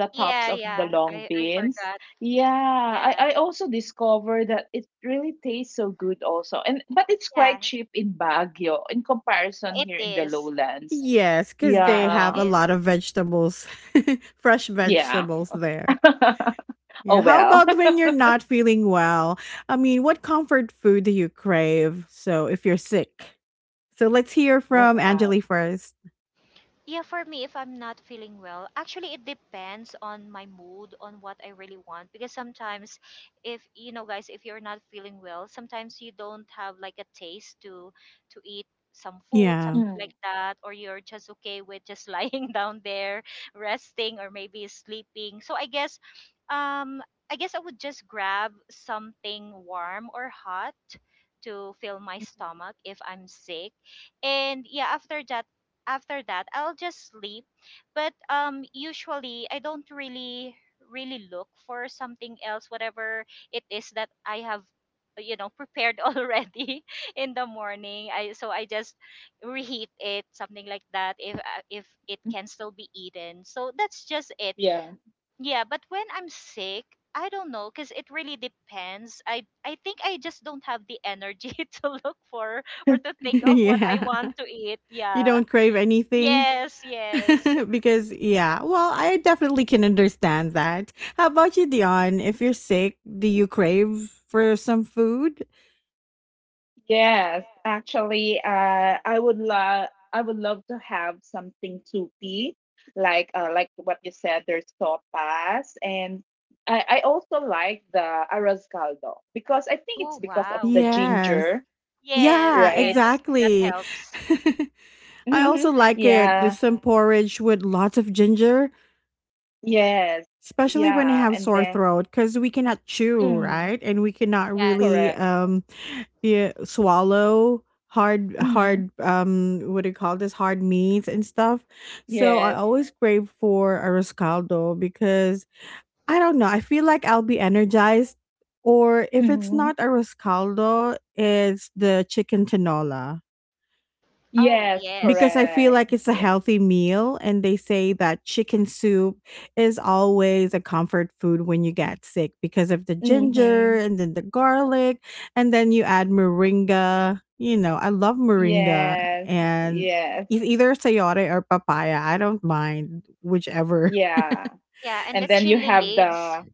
Speaker 2: the
Speaker 3: Yeah,
Speaker 2: tops of the
Speaker 3: yeah.
Speaker 2: long
Speaker 3: I
Speaker 2: beans.
Speaker 3: forgot.
Speaker 2: Yeah,
Speaker 3: Yeah.
Speaker 2: I also discovered that it really tastes so good also. And but it's quite
Speaker 3: Yeah,
Speaker 2: cheap in Baguio in comparison
Speaker 3: it
Speaker 2: here in the
Speaker 3: is.
Speaker 2: lowlands.
Speaker 1: Yes, because
Speaker 3: Yeah,
Speaker 1: they
Speaker 3: it
Speaker 1: have
Speaker 2: Yeah.
Speaker 1: a
Speaker 3: is.
Speaker 1: lot of vegetables, fresh
Speaker 2: Yeah.
Speaker 1: vegetables there.
Speaker 2: oh
Speaker 1: Yeah. How
Speaker 2: well.
Speaker 1: about when you're not feeling well? I mean, what comfort food do you crave? So if you're sick. So let's hear
Speaker 2: Oh
Speaker 1: from
Speaker 2: wow.
Speaker 1: Angeli first.
Speaker 3: Yeah, for me, if I'm not feeling well, actually, it depends on my mood, on what I really want. Because sometimes, if you know, guys, if you're not feeling well, sometimes you don't have like a taste to eat some food,
Speaker 1: Yeah.
Speaker 3: something like
Speaker 2: Hmm.
Speaker 3: that, or you're just okay with just lying down there, resting, or maybe sleeping. So I guess, um, I guess I would just grab something warm or hot to fill my stomach if I'm sick. And yeah, after that I'll just sleep. But usually I don't really look for something else. Whatever it is that I have, you know, prepared already in the morning. I So I just reheat it, something like that, if it can still be eaten. So that's just it.
Speaker 2: Yeah.
Speaker 3: Yeah, but when I'm sick, I don't know because it really depends. I think I just don't have the energy to look for or to think of what I
Speaker 1: Yeah.
Speaker 3: want to eat.
Speaker 1: You
Speaker 3: Yeah.
Speaker 1: don't crave anything?
Speaker 3: Yes, yes.
Speaker 1: Because yeah, well, I definitely can understand that. How about you, Dion? If you're sick, do you crave for some food?
Speaker 2: Yes, actually, I would love to have something soupy, like what you said. There's sopas, and I also like the arroz caldo, because I think it's
Speaker 3: Oh,
Speaker 2: because of
Speaker 3: wow.
Speaker 2: the
Speaker 3: Yes.
Speaker 1: Yes.
Speaker 2: ginger,
Speaker 3: Yes,
Speaker 1: Yeah,
Speaker 2: right?
Speaker 3: yes. That
Speaker 1: exactly.
Speaker 3: helps.
Speaker 1: I also
Speaker 2: Mhm.
Speaker 1: like it. There's
Speaker 2: Yeah.
Speaker 1: some porridge with lots of ginger.
Speaker 2: Yes.
Speaker 1: Especially when I
Speaker 2: Yeah.
Speaker 1: have
Speaker 2: And
Speaker 1: sore
Speaker 2: then,
Speaker 1: throat, because we cannot chew,
Speaker 2: mm,
Speaker 1: right? And we cannot
Speaker 3: Yes.
Speaker 1: really,
Speaker 2: correct.
Speaker 1: yeah, swallow hard
Speaker 2: Hmm.
Speaker 1: hard, what do you call this? Hard meats and stuff. So I
Speaker 2: Yes.
Speaker 1: always crave for a Rescaldo because I don't know, I feel like I'll be energized, or if it's
Speaker 2: Hmm.
Speaker 1: not a Rescaldo, it's the chicken tinola,
Speaker 3: Oh,
Speaker 2: Yes.
Speaker 3: yes.
Speaker 1: because I feel
Speaker 2: Correct.
Speaker 1: like it's a
Speaker 2: Yeah.
Speaker 1: healthy meal. And they say that chicken soup is always a comfort food when you get sick because of the ginger
Speaker 2: Hmm.
Speaker 1: and then the garlic. And then you add moringa. You know, I love moringa
Speaker 2: Yes.
Speaker 1: and
Speaker 2: Yes.
Speaker 1: e- either sayote or papaya. I don't mind whichever.
Speaker 2: Yeah.
Speaker 3: Yeah, and the
Speaker 2: And then you
Speaker 3: chili
Speaker 2: have
Speaker 3: leaves,
Speaker 2: the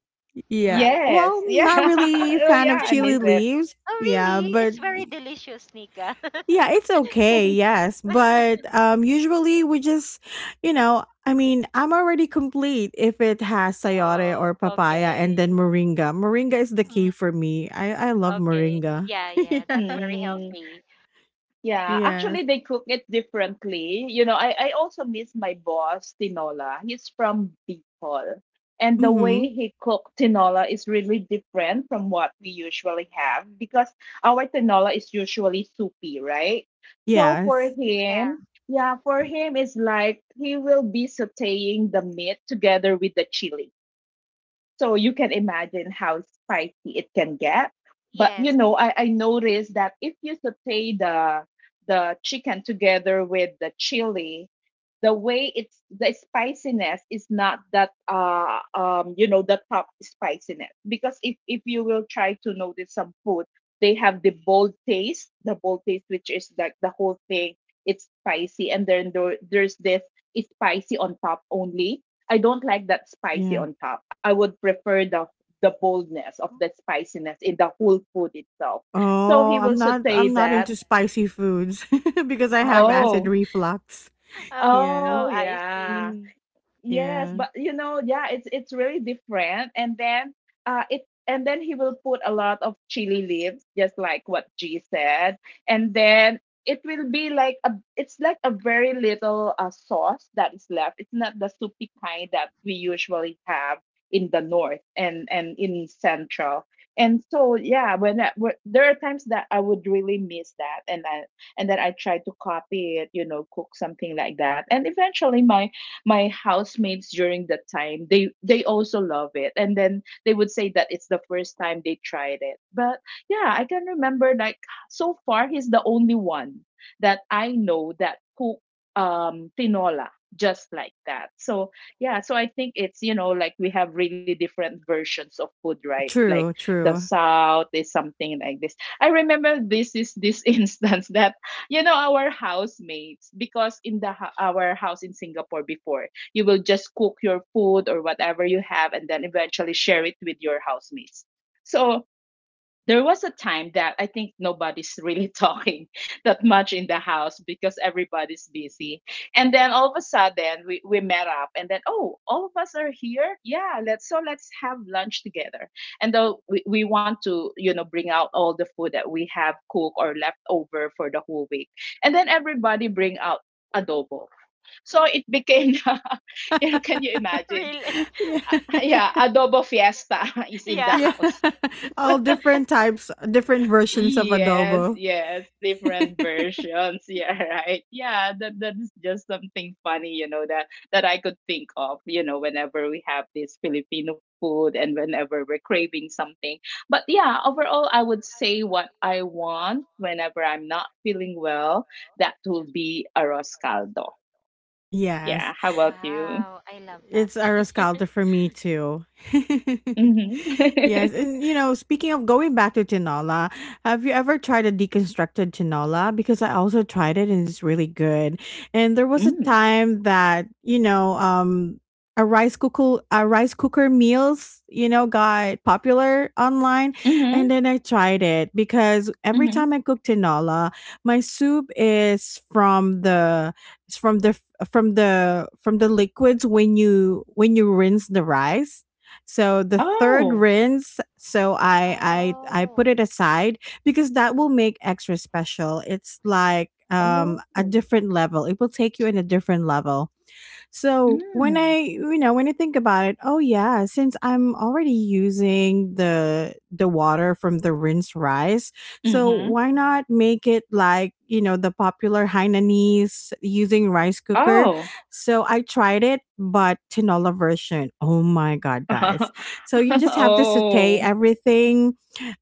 Speaker 1: Yeah.
Speaker 3: right?
Speaker 1: Well,
Speaker 2: yes,
Speaker 1: not
Speaker 2: yeah.
Speaker 1: really
Speaker 2: Oh
Speaker 1: fan of
Speaker 2: yeah, I
Speaker 1: chili
Speaker 2: miss it.
Speaker 1: leaves.
Speaker 3: Oh,
Speaker 1: Yeah,
Speaker 3: really?
Speaker 1: but
Speaker 3: It's very delicious, Nika.
Speaker 1: yeah, it's okay, yes. But um, usually we just, you know, I mean, I'm already complete if it has sayote
Speaker 3: Oh,
Speaker 1: or papaya and then
Speaker 3: okay.
Speaker 1: moringa. Moringa is the key
Speaker 3: Mm,
Speaker 1: for me. I love
Speaker 3: okay.
Speaker 1: moringa.
Speaker 3: Yeah, yeah, that's
Speaker 1: Yeah.
Speaker 3: very
Speaker 2: mm,
Speaker 3: healthy.
Speaker 2: yeah, actually
Speaker 1: Yes.
Speaker 2: they cook it differently. I I also miss my boss tinola, he's from Bicol, and the way
Speaker 1: Mhm.
Speaker 2: he cooked tinola is really different from what we usually have because our tinola is usually soupy, right? So for
Speaker 1: Yes.
Speaker 3: Yeah.
Speaker 2: him, it's like he will be sauteing the meat together with the chili. So you can imagine how spicy it can get. But you
Speaker 3: Yes.
Speaker 2: know, I noticed that if you saute the chicken together with the chili, the way it's the spiciness is not that you know the top spiciness, because if you will try to notice some food, they have the bold taste, which is like the whole thing, it's spicy, and then there's this it's spicy on top only. I don't like that spicy
Speaker 1: Yeah.
Speaker 2: on top. I would prefer the boldness of the spiciness in the whole food itself. So
Speaker 1: Oh,
Speaker 2: he
Speaker 1: I'm
Speaker 2: will
Speaker 1: not,
Speaker 2: saute
Speaker 1: I'm not
Speaker 2: that.
Speaker 1: into spicy foods because I have acid
Speaker 2: Oh.
Speaker 1: reflux.
Speaker 3: Oh,
Speaker 1: Yes.
Speaker 3: oh,
Speaker 2: Oh
Speaker 3: I see.
Speaker 2: yeah.
Speaker 1: Mm.
Speaker 2: Yes,
Speaker 1: Yeah.
Speaker 2: but you know, yeah, it's really different. And then it and then he will put a lot of chili leaves, just like what G said. And then it will be like a very little sauce that is left. It's not the soupy kind that we usually have in the north and in central. And so yeah, when there are times that I would really miss that, and I and then I try to copy it, you know, cook something like that. And eventually my housemates during that time, they also love it, and then they would say that it's the first time they tried it. But yeah, I can remember like so far he's the only one that I know that cook tinola just like that. So yeah, so I think it's, you know, like we have really different versions of food, right? Like
Speaker 1: True,
Speaker 2: the
Speaker 1: true.
Speaker 2: south is something like this. I remember this instance that, you know, our housemates, because in our house in Singapore, before, you will just cook your food or whatever you have and then eventually share it with your housemates. So there was a time that I think nobody's really talking that much in the house because everybody's busy. And then all of a sudden we met up, and then oh, all of us are here. Yeah, let's so let's have lunch together. And though we want to, you know, bring out all the food that we have cooked or left over for the whole week. And then everybody bring out adobo. So it became you know, can you imagine?
Speaker 3: Really?
Speaker 1: Yeah.
Speaker 2: Yeah, adobo fiesta is in the
Speaker 3: Yeah.
Speaker 1: Yeah.
Speaker 2: house.
Speaker 1: All different types, different versions of
Speaker 2: Yes,
Speaker 1: adobo.
Speaker 2: yes, different versions. Yeah, right. Yeah, that's just something funny, you know, that I could think of, you know, whenever we have this Filipino food and whenever we're craving something. But yeah, overall, I would say what I want whenever I'm not feeling well, that will be arroz caldo. Yeah,
Speaker 1: Yes.
Speaker 2: how about you?
Speaker 3: Wow, I love that.
Speaker 1: It's a Rescaldo for me too.
Speaker 2: Mm-hmm.
Speaker 1: Yes, and you know, speaking of going back to tinola, have you ever tried a deconstructed tinola? Because I also tried it and it's really good. And there was a
Speaker 2: Mm.
Speaker 1: time that you know, a rice cooker meals, you know, got popular online,
Speaker 2: Mm-hmm.
Speaker 1: and then I tried it because every
Speaker 2: Mm-hmm.
Speaker 1: time I cook tinola, my soup is from the from the from the liquids when you, when you rinse the rice, so the third
Speaker 2: Oh.
Speaker 1: rinse, so I put
Speaker 3: Oh.
Speaker 1: it aside because that will make extra special. It's like um,
Speaker 2: Oh.
Speaker 1: a different level. It will take you in a different level. So when I,
Speaker 2: Mm.
Speaker 1: you know, when I think about it, oh yeah, since I'm already using the water from the rinsed rice, so
Speaker 2: Mm-hmm.
Speaker 1: why not make it like, you know, the popular Hainanese using rice cooker?
Speaker 2: Oh.
Speaker 1: So I tried it, but tinola version. Oh my god, guys!
Speaker 2: Uh-huh.
Speaker 1: So you just have to saute
Speaker 2: Oh.
Speaker 1: everything,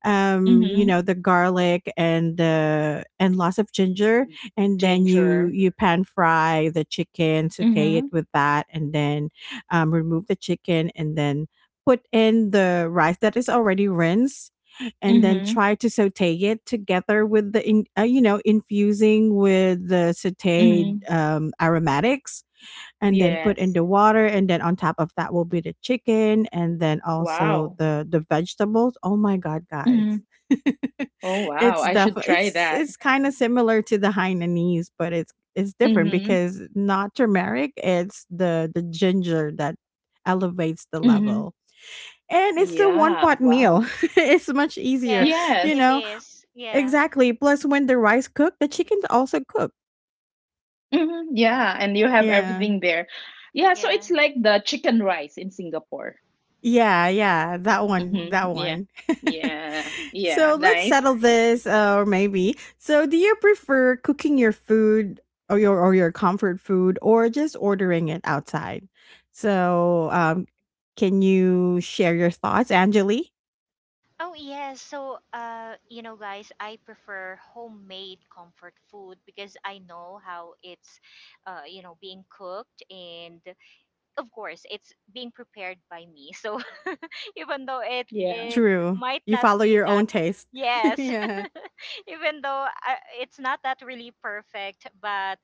Speaker 1: you know,
Speaker 2: Mhm.
Speaker 1: the garlic and the, and lots of ginger, and then you
Speaker 2: Ginger.
Speaker 1: you pan fry the chicken, saute it
Speaker 2: Mhm.
Speaker 1: with that, and then remove the chicken, and then put in the rice that is already rinsed, and then
Speaker 2: Mhm.
Speaker 1: try to saute it together with the in, you know, infusing with the sauteed
Speaker 2: Mhm.
Speaker 1: aromatics, and then put in
Speaker 2: Yes.
Speaker 1: the water, and then on top of that will be the chicken and then also
Speaker 2: Wow.
Speaker 1: the vegetables. Oh my god, guys.
Speaker 2: Mhm. Oh, wow.
Speaker 1: It's
Speaker 2: I should
Speaker 1: definitely,
Speaker 2: try
Speaker 1: it's
Speaker 2: that.
Speaker 1: it's kind of similar to the Hainanese, but it's different
Speaker 2: Mhm.
Speaker 1: because not turmeric, it's the ginger that elevates the
Speaker 2: Mhm.
Speaker 1: level. And it's a one
Speaker 2: Yeah.
Speaker 1: pot
Speaker 2: Wow.
Speaker 1: meal. It's much easier,
Speaker 3: Yes,
Speaker 1: you
Speaker 2: Yes.
Speaker 3: it
Speaker 1: know,
Speaker 3: is. Yeah.
Speaker 1: exactly. Plus when the rice cook, the chicken's also cooked.
Speaker 2: Mhm. Yeah, and you have
Speaker 3: Oh.
Speaker 1: Yeah.
Speaker 2: everything there. Yeah, so
Speaker 3: Yeah.
Speaker 2: it's like the chicken rice in Singapore.
Speaker 1: Yeah, yeah, that one,
Speaker 2: Mhm.
Speaker 1: that
Speaker 2: Yeah.
Speaker 1: one.
Speaker 2: Yeah. Yeah.
Speaker 1: So let's
Speaker 2: Nice.
Speaker 1: settle this, or maybe. So, do you prefer cooking your food or your, or your comfort food, or just ordering it outside? So, can you share your thoughts, Angeli?
Speaker 3: Oh, yes. So, you know, guys, I prefer homemade comfort food because I know how it's, you know, being cooked, and of course it's being prepared by me. So even though it
Speaker 2: Yeah.
Speaker 3: it
Speaker 1: True.
Speaker 3: might
Speaker 1: You
Speaker 3: not
Speaker 1: follow
Speaker 3: be
Speaker 1: your
Speaker 3: that,
Speaker 1: own taste.
Speaker 3: yes,
Speaker 1: Yeah.
Speaker 3: even though it's not that really perfect, but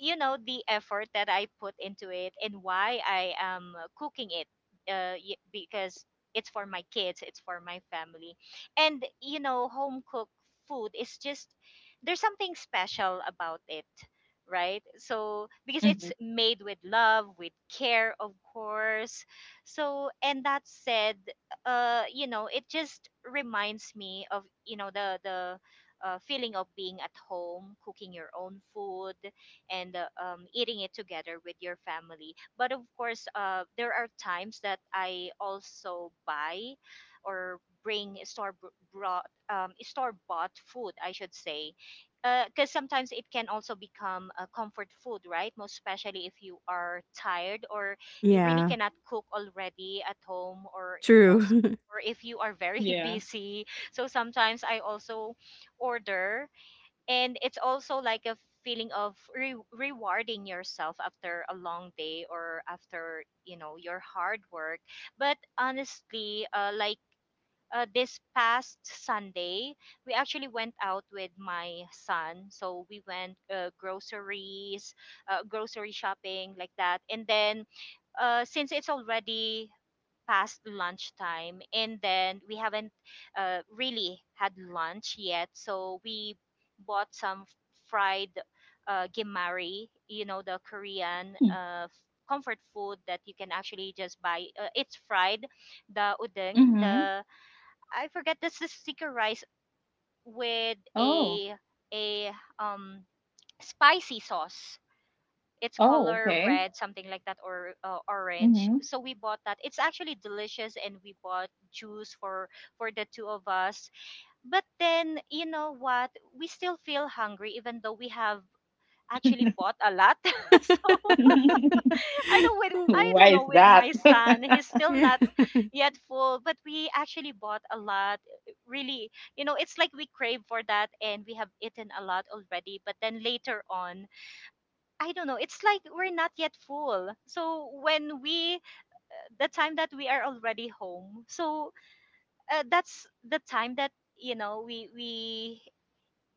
Speaker 3: you know the effort that I put into it and why I am cooking it, because it's for my kids, it's for my family. And you know home cooked food is just, there's something special about it, right? So because it's
Speaker 2: Mhm.
Speaker 3: made with love, with care, of course. So, and that said, you know, it just reminds me of, you know, the, feeling of being at home, cooking your own food, and eating it together with your family. But of course, there are times that I also buy or bring store brought, store bought food, I should say, because sometimes it can also become a comfort food, right? Most especially if you are tired or you really
Speaker 1: Yeah.
Speaker 3: cannot cook already at home or most
Speaker 1: True.
Speaker 3: or if you are very
Speaker 2: Yeah.
Speaker 3: busy. So sometimes I also order, and it's also like a feeling of rewarding yourself after a long day or after your hard work. But honestly, like this past Sunday, we actually went out with my son. So we went groceries, grocery shopping, like that. And then, since it's already past lunchtime, and then we haven't really had lunch yet, so we bought some fried gimari, you know, the Korean. Comfort food that you can actually just buy, it's fried. The udeng,
Speaker 2: Mhm.
Speaker 3: the I forget, this is sticker rice with
Speaker 2: Oh.
Speaker 3: a um spicy sauce. It's
Speaker 2: Oh,
Speaker 3: color
Speaker 2: okay.
Speaker 3: red, something like that, or orange.
Speaker 2: Mhm.
Speaker 3: So we bought that. It's actually delicious, and we bought juice for the two of us. But then, you know what? We still feel hungry, even though we have actually bought a lot. So I
Speaker 2: Why
Speaker 3: don't
Speaker 2: is
Speaker 3: know with
Speaker 2: that?
Speaker 3: my son. He's still
Speaker 1: Yeah.
Speaker 3: not yet full, but we actually bought a lot. Really, you know, it's like we crave for that, and we have eaten a lot already. But then later on, I don't know, it's like we're not yet full. So when we the time that we are already home, so that's the time that you know we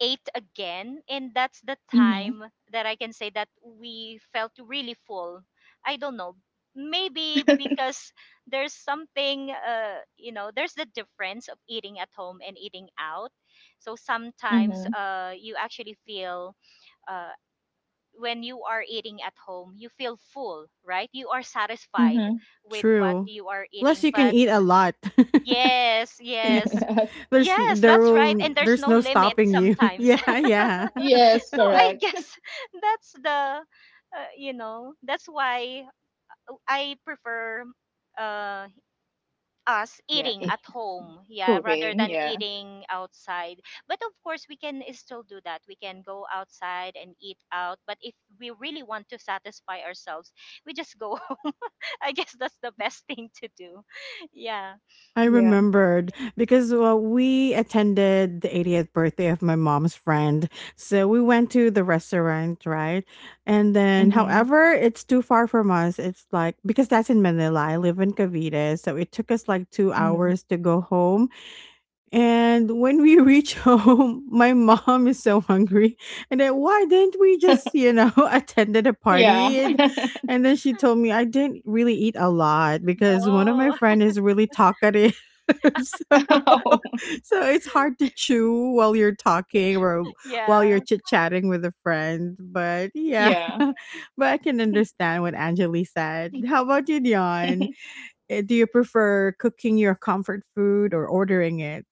Speaker 3: ate again, and that's the
Speaker 2: Hmm.
Speaker 3: time that I can say that we felt really full. I don't know, maybe because there's something, there's the difference of eating at home and eating out. So sometimes
Speaker 2: Hmm.
Speaker 3: you actually feel uh, when you are eating at home, you feel full, right? You are satisfied
Speaker 2: Hmm.
Speaker 3: with what
Speaker 1: True.
Speaker 3: you are
Speaker 1: Plus
Speaker 3: eating.
Speaker 1: you can
Speaker 3: But
Speaker 1: eat a lot.
Speaker 3: yes,
Speaker 1: Yeah.
Speaker 3: yes.
Speaker 2: Yes.
Speaker 1: There's
Speaker 3: Yes,
Speaker 1: there
Speaker 3: that's right,
Speaker 1: will,
Speaker 3: and there's
Speaker 1: there's
Speaker 3: no
Speaker 1: no
Speaker 3: limit
Speaker 1: stopping you.
Speaker 3: sometimes.
Speaker 1: Yeah, yeah.
Speaker 2: Yes,
Speaker 3: So I
Speaker 2: correct.
Speaker 3: guess, that's the, that's why I prefer uh us
Speaker 2: Yeah,
Speaker 3: eating at home, yeah, rather
Speaker 2: cooking.
Speaker 3: than
Speaker 2: Yeah.
Speaker 3: eating outside. But of course, we can still do that, we can go outside and eat out. But if we really want to satisfy ourselves, we just go home. I guess that's the best thing to do. Yeah.
Speaker 1: I
Speaker 2: Yeah.
Speaker 1: remembered because, well, we attended the 80th birthday of my mom's friend. So we went to the restaurant, right? And then,
Speaker 2: Hmm.
Speaker 1: however, it's too far from us. It's like, because that's in Manila, I live in Cavite. So it took us like two
Speaker 2: Hmm.
Speaker 1: hours to go home. And when we reach home, my mom is so hungry. And then why didn't we just, you know, attended a
Speaker 2: Yeah.
Speaker 1: party? And then she told me I didn't really eat a lot because one of my
Speaker 3: Oh.
Speaker 1: friend is really talkative. So,
Speaker 2: Oh,
Speaker 1: so it's hard to chew while you're talking or while you're
Speaker 3: Yeah.
Speaker 1: chit chatting with a friend. But yeah,
Speaker 2: yeah.
Speaker 1: but I can understand what Angeli said. How about you, Dion? Eh, do you prefer cooking your comfort food or ordering it?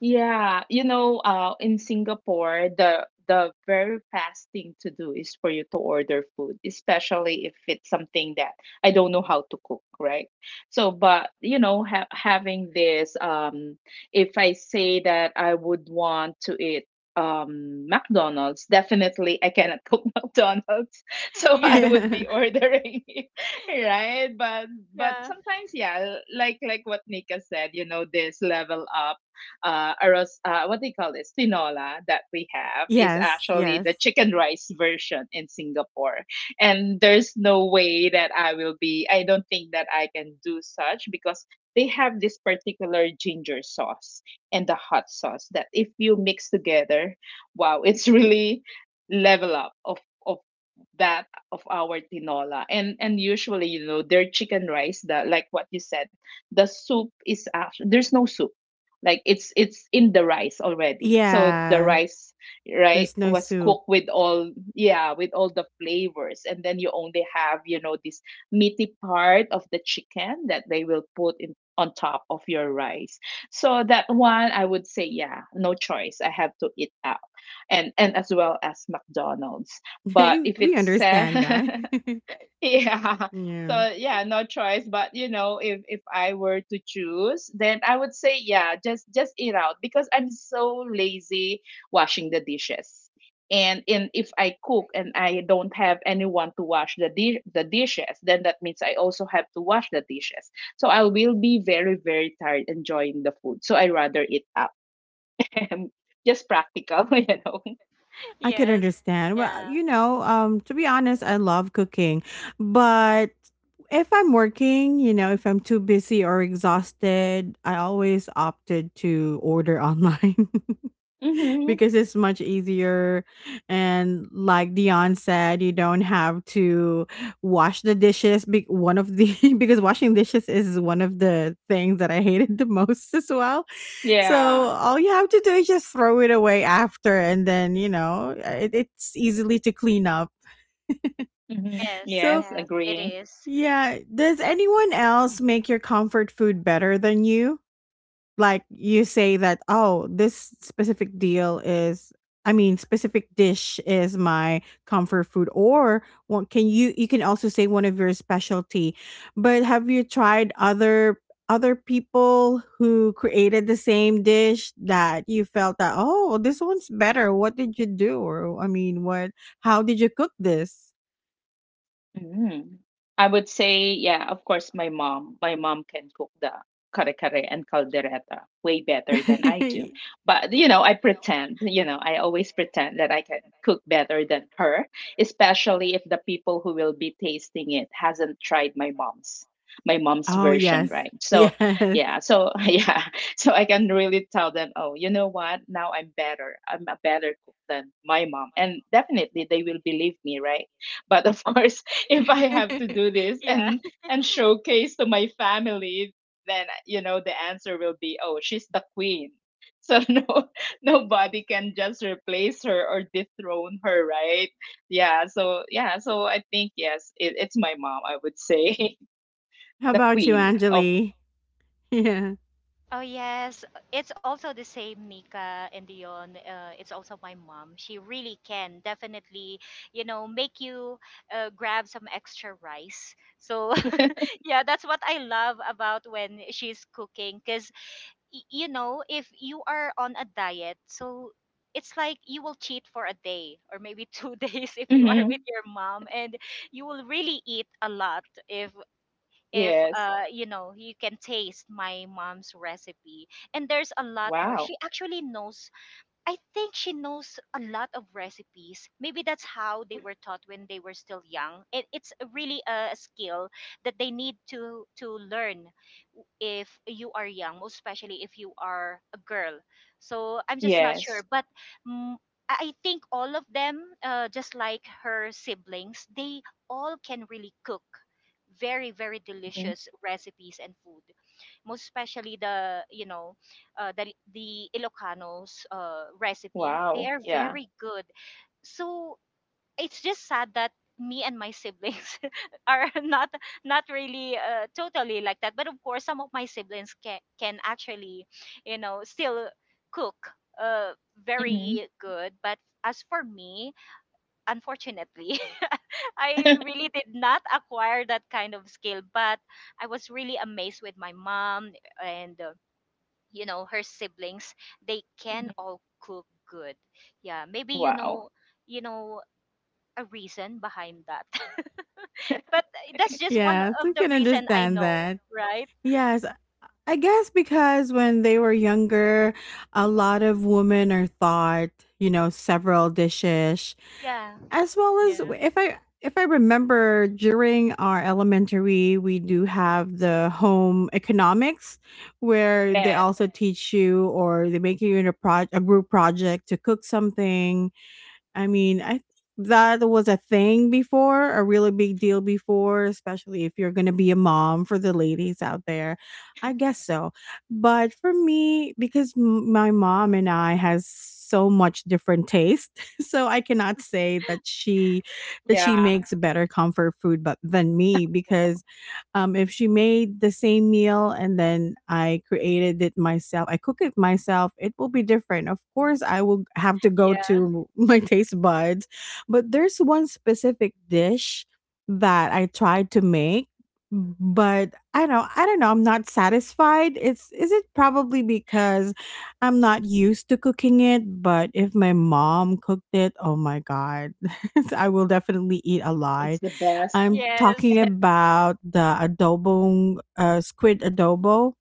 Speaker 2: Yeah, you know, in Singapore, the very fast thing to do is for you to order food, especially if it's something that I don't know how to cook, right? So, but you know, ha having this, if I say that I would want to eat McDonald's, definitely I cannot cook McDonald's, so I
Speaker 3: Yes.
Speaker 2: would
Speaker 1: Yeah.
Speaker 2: be ordering it, right? But
Speaker 3: Yeah.
Speaker 2: sometimes, yeah, like what Nika said, you know, this level up what do you call this? Tinola that we have is
Speaker 1: Yes,
Speaker 2: actually the
Speaker 1: yes.
Speaker 2: chicken rice version in Singapore. And there's no way that I don't think that I can do such because they have this particular ginger sauce and the hot sauce that if you mix together, wow, it's really level up of that of our tinola, and usually, you know, their chicken rice, the like what you said, the soup is actually, there's no soup, like it's in the rice already, so the
Speaker 1: Yeah.
Speaker 2: rice, right,
Speaker 1: There's no
Speaker 2: was
Speaker 1: soup.
Speaker 2: cooked with all, yeah, with all the flavors, and then you only have, you know, this meaty part of the chicken that they will put in on top of your rice. So that one, I would say, yeah, no choice, I have to eat out. And as well as McDonald's. But if
Speaker 1: We
Speaker 2: it's
Speaker 1: understand that.
Speaker 2: yeah.
Speaker 1: Yeah.
Speaker 2: So yeah, no choice. But you know, if I were to choose, then I would say, yeah, just eat out because I'm so lazy washing the dishes. And if I cook and I don't have anyone to wash the dishes, then that means I also have to wash the dishes. So I will be very tired enjoying the food. So I rather eat out. Just practical, you know.
Speaker 1: I could
Speaker 3: Yes.
Speaker 1: understand. Well,
Speaker 3: Yeah.
Speaker 1: you know, to be honest, I love cooking, but if I'm working, you know, if I'm too busy or exhausted, I always opted to order online
Speaker 2: Mhm.
Speaker 1: because it's much easier. And like Dion said, you don't have to wash the dishes. Be- one of the because washing dishes is one of the things that I hated the most as well. So
Speaker 2: Yeah.
Speaker 1: all you have to do is just throw it away after, and then you know it, it's easily to clean up.
Speaker 2: Mhm.
Speaker 3: Yes.
Speaker 1: So
Speaker 2: Yes,
Speaker 3: Yes, it
Speaker 2: agree.
Speaker 3: is.
Speaker 1: yeah, does anyone else make your comfort food better than you? Like you say that oh, this specific deal is, I mean specific dish is my comfort food, or what, can you, you can also say one of your specialty. But have you tried other, other people who created the same dish that you felt that oh, this one's better, what did you do, or I mean what, how did you cook this?
Speaker 2: Mm. I would say, yeah, of course, my mom. My mom can cook the kare kare and caldereta way better than I do. But,
Speaker 1: Y-
Speaker 2: you
Speaker 1: But
Speaker 2: know, I
Speaker 1: you know I
Speaker 2: pretend, you
Speaker 1: pretend,
Speaker 2: know, I
Speaker 1: pretend
Speaker 2: always
Speaker 1: always
Speaker 2: pretend that I can
Speaker 1: that I can
Speaker 2: cook
Speaker 1: cook
Speaker 2: better than
Speaker 1: better than
Speaker 2: her,
Speaker 1: her.
Speaker 2: especially if the people who will be tasting it hasn't tried my mom's
Speaker 1: Oh,
Speaker 2: version,
Speaker 1: yes.
Speaker 2: right? So
Speaker 1: Yes.
Speaker 2: yeah, so yeah, so I can really tell them, oh, you know what, now I'm better, I'm a better cook than my mom, and definitely they will believe me, right? But of course, if I have to do this
Speaker 3: Yeah.
Speaker 2: and showcase to my family, then you know the answer will be, oh, she's the queen. So no, nobody can just replace her or dethrone her, right? Yeah. So yeah. So I think yes, it's my mom. I would say
Speaker 1: How
Speaker 2: the
Speaker 1: about you,
Speaker 2: queen of.
Speaker 1: Anjali? Yeah.
Speaker 3: Oh yes, it's also the same, Nika and Dion. It's also my mom. She really can definitely, you know, make you grab some extra rice. So yeah, that's what I love about when she's cooking. Cause you know, if you are on a diet, so it's like you will cheat for a day or maybe two days if you are with
Speaker 2: Mhm.
Speaker 3: your mom, and you will really eat a lot if
Speaker 2: Yes.
Speaker 3: you know you can taste my mom's recipe. And there's a lot more
Speaker 2: Wow.
Speaker 3: she actually knows. I think she knows a lot of recipes. Maybe that's how they were taught when they were still young. It's really a skill that they need to learn if you are young, most especially if you are a girl. So I'm just not sure,
Speaker 2: Yes.
Speaker 3: but mm, I think all of them, just like her siblings, they all can really cook very very
Speaker 2: Mhm.
Speaker 3: delicious recipes and food, most especially the, you know, the Ilocanos, recipe. They
Speaker 2: Wow.
Speaker 3: are
Speaker 2: Yeah.
Speaker 3: very good. So it's just sad that me and my siblings are not really, totally like that. But of course, some of my siblings can actually, you know, still cook
Speaker 2: Hmm,
Speaker 3: very good. But as for me, unfortunately, I really did not acquire that kind of skill. But I was really amazed with my mom and. You know, her siblings, they can
Speaker 2: hmm.
Speaker 3: all cook good. Yeah, maybe, you
Speaker 2: Wow.
Speaker 3: know, you know a reason behind that. But that's just one
Speaker 1: Yes, we
Speaker 3: of the
Speaker 1: can
Speaker 3: reason I
Speaker 1: understand
Speaker 3: know.
Speaker 1: that.
Speaker 3: Right.
Speaker 1: Yes, I guess because when they were younger, a lot of women are thought, you know, several dishes,
Speaker 3: Yeah.
Speaker 1: as well as
Speaker 3: Yeah.
Speaker 1: if I remember during our elementary, we do have the home economics where they also
Speaker 2: Yes.
Speaker 1: teach you or they make you in a group project to cook something. I mean, I think that was a thing before, a really big deal before, especially if you're going to be a mom for the ladies out there. I guess so. But for me, because my mom and I has so much different taste, so I cannot say that she
Speaker 2: Yeah.
Speaker 1: makes better comfort food but than me because if she made the same meal and then I created it myself, I cook it myself, it will be different. Of course, I will have to go
Speaker 3: Yeah.
Speaker 1: to my taste buds, but there's one specific dish that I tried to make, but I know I don't know. I'm not satisfied. It's is it probably because I'm not used to cooking it, but if my mom cooked it, oh my god, I will definitely eat a
Speaker 2: It's
Speaker 1: lot.
Speaker 2: the best.
Speaker 1: I'm talking
Speaker 3: Yes.
Speaker 1: about the adobo, squid adobo.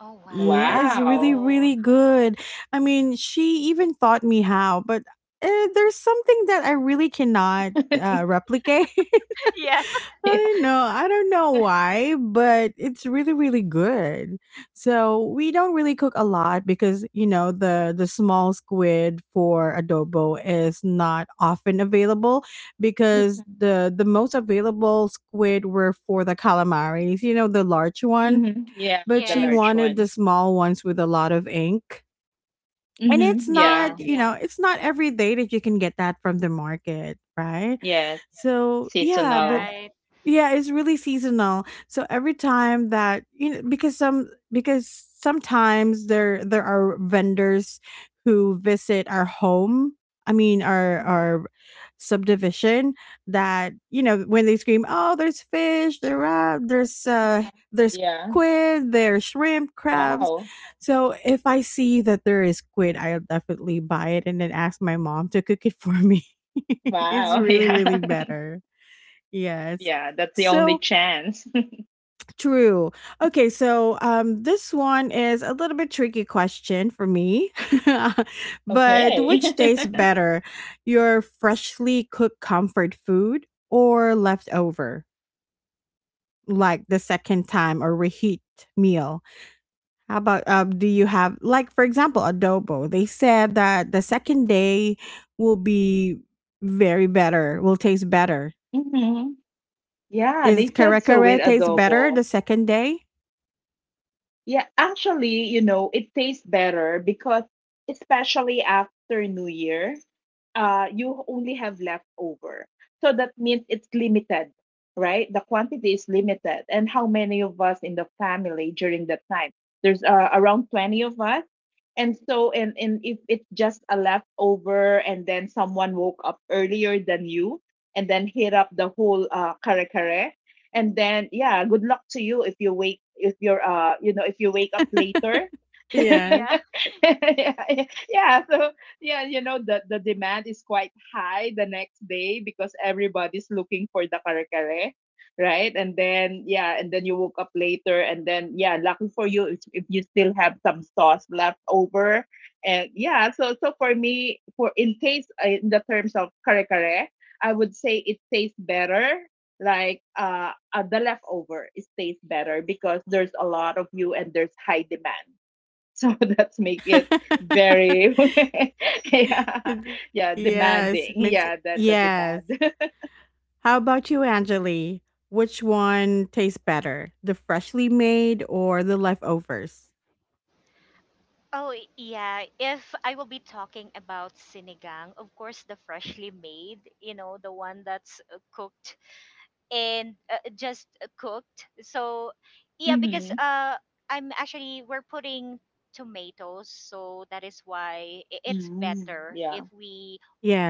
Speaker 3: Oh
Speaker 1: Yeah, it's really,
Speaker 2: Wow.
Speaker 3: wow.
Speaker 1: really good. I mean, she even taught me how, but there's something that I really cannot replicate.
Speaker 3: Yeah.
Speaker 1: I
Speaker 2: Yeah.
Speaker 1: don't know. I don't know why, but it's really, really good. So we don't really cook a lot because you know the small squid for adobo is not often available because the most available squid were for the calamaris, you know, the large one.
Speaker 2: Mhm. Yeah,
Speaker 1: But
Speaker 2: the
Speaker 1: she
Speaker 3: Yes.
Speaker 2: large
Speaker 1: wanted the
Speaker 2: one.
Speaker 1: small ones with a lot of ink, and
Speaker 2: Mhm.
Speaker 1: it's
Speaker 3: But yeah.
Speaker 1: not,
Speaker 2: Yeah.
Speaker 1: you know,
Speaker 3: Yeah.
Speaker 1: it's not every day that you can get that from the market, right?
Speaker 2: Yes.
Speaker 1: So yeah, but
Speaker 2: Seasonal.
Speaker 3: Right.
Speaker 1: yeah, it's really seasonal, so every time that, you know, because sometimes there are vendors who visit our home. I mean our
Speaker 2: Mhm.
Speaker 1: our subdivision. That, you know, when they scream, oh, there's fish,
Speaker 2: Uh-huh.
Speaker 1: there's
Speaker 2: Yeah.
Speaker 1: squid, there's shrimp, crabs.
Speaker 2: Wow.
Speaker 1: So if I see that there is squid, I'll definitely buy it and then ask my mom to cook it for me. It's
Speaker 2: Wow.
Speaker 1: really, really
Speaker 2: Yeah.
Speaker 1: better. Yes.
Speaker 2: Yeah, that's the only
Speaker 1: So
Speaker 2: chance.
Speaker 1: true. Okay, so this one is a little bit tricky question for me. But
Speaker 2: Okay.
Speaker 1: which tastes better? Your freshly cooked comfort food or leftover? Like the second time or reheat meal? How about do you have, like, for example, adobo? They said that the second day will be very better, will taste better.
Speaker 2: Mhm. Yeah,
Speaker 1: Is
Speaker 2: they
Speaker 1: kare
Speaker 2: said so
Speaker 1: kare
Speaker 2: with
Speaker 1: taste better the
Speaker 2: adobo.
Speaker 1: second day?
Speaker 2: Yeah, actually, you know, it tastes better because especially after New Year, you only have leftover. So that means it's limited, right? The quantity is limited. And how many of us in the family during that time? There's around 20 of us. And so, and if it's just a leftover and then someone woke up earlier than you and then hit up the whole kare kare, and then yeah, good luck to you if you wake, if you wake up later.
Speaker 1: Yeah.
Speaker 3: Yeah.
Speaker 2: Yeah so, yeah, you know, the demand is quite high the next day because everybody's looking for the kare kare, right? And then yeah, and then you woke up later and then yeah, lucky for you if you still have some sauce left over. And yeah, so for me, for in taste in the terms of kare kare, I would say it tastes better, like the leftover, it stays better because there's a lot of you and there's high demand, so that's make it very yeah,
Speaker 1: It-
Speaker 2: yeah,
Speaker 1: yes,
Speaker 2: demanding, yeah, the
Speaker 1: yes.
Speaker 2: demand.
Speaker 1: How about you, Angeli? Which one tastes better, the freshly made or the leftovers?
Speaker 3: Oh, yeah. If I will be talking about sinigang, of course, the freshly made, you know, the one that's cooked and just cooked. So yeah, because I'm actually we're putting tomatoes, so that is why
Speaker 2: Hmm,
Speaker 3: it's
Speaker 2: hmm.
Speaker 3: better
Speaker 2: Yeah,
Speaker 3: if we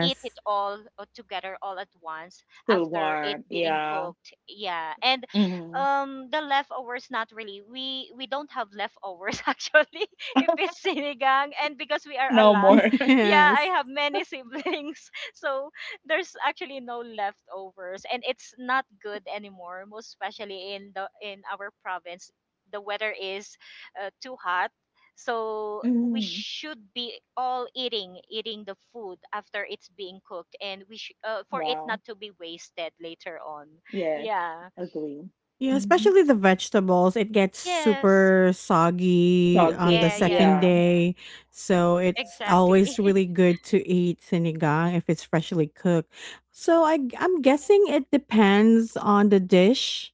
Speaker 3: eat it all, together, all at once
Speaker 2: still
Speaker 3: after it
Speaker 2: warm,
Speaker 3: being
Speaker 2: yeah.
Speaker 3: cooked, yeah. And
Speaker 2: Hmm.
Speaker 3: the leftovers, not really, we don't have leftovers actually, if it's sinigang, and because we are a
Speaker 2: No
Speaker 3: lot.
Speaker 2: more.
Speaker 3: Yeah,
Speaker 1: Yes.
Speaker 3: I have many siblings. So there's actually no leftovers, and it's not good anymore, most especially in the in our province. The weather is too hot, so we
Speaker 2: Hmm.
Speaker 3: should be all eating the food after it's being cooked, and we for it
Speaker 2: Wow.
Speaker 3: not to be wasted later on.
Speaker 2: Yes.
Speaker 3: Yeah.
Speaker 2: Agree.
Speaker 1: Yeah,
Speaker 2: Mm-hmm.
Speaker 1: especially the vegetables. It gets
Speaker 3: Yes.
Speaker 1: super soggy on the
Speaker 3: Yeah.
Speaker 2: Soggy,
Speaker 1: second
Speaker 2: yeah.
Speaker 3: Yeah.
Speaker 1: day. So it's
Speaker 3: Exactly.
Speaker 1: always really good to eat sinigang if it's freshly cooked. So I'm guessing it depends on the dish,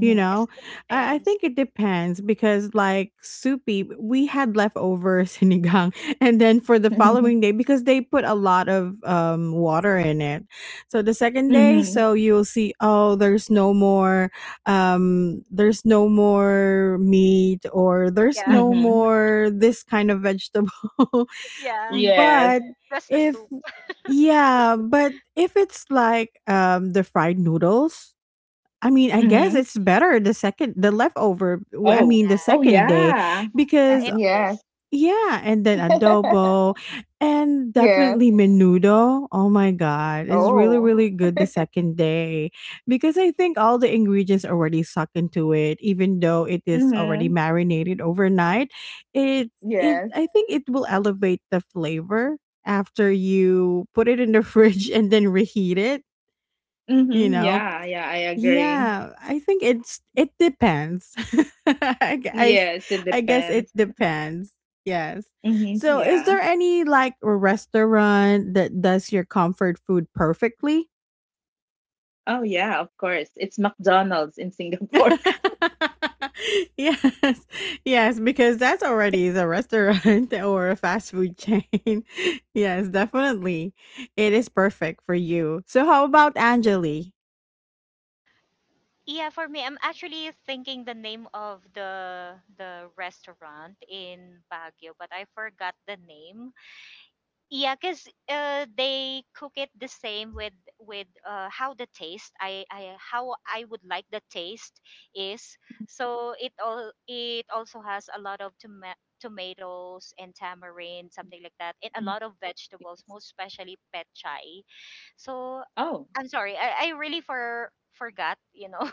Speaker 1: you
Speaker 3: Yes,
Speaker 1: know,
Speaker 3: it
Speaker 1: I
Speaker 3: depends.
Speaker 1: think it depends because, like, soupy, we had leftover sinigang, and then for the following day, because they put a lot of water in it, so the second day,
Speaker 2: hmm,
Speaker 1: so you'll see, oh, there's no more meat, or there's
Speaker 3: Yeah.
Speaker 1: no
Speaker 2: hmm.
Speaker 1: more this kind of vegetable.
Speaker 3: Yeah.
Speaker 2: Yes.
Speaker 1: but
Speaker 3: Plus the
Speaker 1: if
Speaker 3: soup.
Speaker 1: yeah, but if it's like the fried noodles. I mean, I guess
Speaker 2: Hmm.
Speaker 1: it's better the second I
Speaker 2: Oh,
Speaker 1: mean, the
Speaker 3: Yeah.
Speaker 2: oh
Speaker 1: second
Speaker 3: Yeah.
Speaker 1: day
Speaker 2: yeah.
Speaker 3: Yeah,
Speaker 1: because
Speaker 3: it
Speaker 2: Yes.
Speaker 3: is.
Speaker 1: yeah, and then adobo, and
Speaker 2: Yes.
Speaker 1: definitely menudo. Oh my god, it's really
Speaker 2: Oh,
Speaker 1: really good the second day because I think all the ingredients already suck into it even though it is already
Speaker 2: mm-hmm.
Speaker 1: marinated overnight. It it
Speaker 2: Yes.
Speaker 1: I think it will elevate the flavor after you put it in the fridge and then reheat it, you
Speaker 2: Mm-hmm.
Speaker 1: know.
Speaker 2: Yeah, yeah, I agree.
Speaker 1: Yeah, I think it depends. I
Speaker 2: Yes, it
Speaker 1: I guess it
Speaker 2: depends.
Speaker 1: depends. Yes.
Speaker 2: Mm-hmm.
Speaker 1: So, is
Speaker 2: Yeah.
Speaker 1: there any, like, a restaurant that does your comfort food perfectly?
Speaker 2: Oh, yeah, of course. It's McDonald's in Singapore.
Speaker 1: Yes. Yes, because that's already is a restaurant or a fast food chain. Yes, definitely. It is perfect for you. So, how about Angeli?
Speaker 3: Yeah, for me, I'm actually thinking the name of the restaurant in Baguio, but I forgot the name. Yeah, cause they cook it the same with how the taste, I how I would like the taste is. So it all, it also has a lot of tomatoes and tamarind, something like that, and a
Speaker 2: Mhm,
Speaker 3: lot of vegetables,
Speaker 2: yes.
Speaker 3: most especially pet chai. So
Speaker 2: Oh.
Speaker 3: I'm sorry, I really forgot, you know,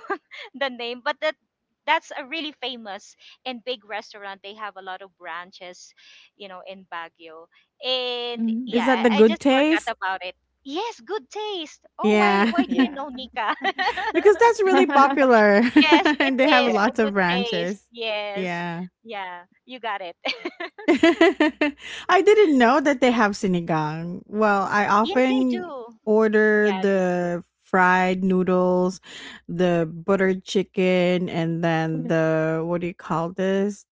Speaker 3: the name, but that's a really famous and big restaurant. They have a lot of branches, you know, in Baguio. And
Speaker 2: Mm-hmm.
Speaker 1: Is
Speaker 3: yeah,
Speaker 1: that the
Speaker 3: I
Speaker 1: good
Speaker 3: just
Speaker 1: taste?
Speaker 3: forgot about it. Yes, good taste. Oh,
Speaker 1: Yeah.
Speaker 3: why do you
Speaker 2: Yeah.
Speaker 3: know, Nika?
Speaker 1: Because that's really popular
Speaker 3: Yes, it
Speaker 1: and they have
Speaker 3: is
Speaker 2: Yeah.
Speaker 3: the
Speaker 1: lots of
Speaker 3: good taste.
Speaker 1: branches.
Speaker 3: Yes.
Speaker 1: Yeah.
Speaker 3: Yeah, you got it.
Speaker 1: I didn't
Speaker 2: Nice.
Speaker 1: know that they have sinigang. Well, I
Speaker 3: Yeah, they
Speaker 1: often
Speaker 3: do.
Speaker 1: order
Speaker 3: Yeah, they do.
Speaker 1: the fried noodles,
Speaker 2: Yeah.
Speaker 1: the buttered chicken, and then
Speaker 2: Mhm.
Speaker 1: the what do you call this?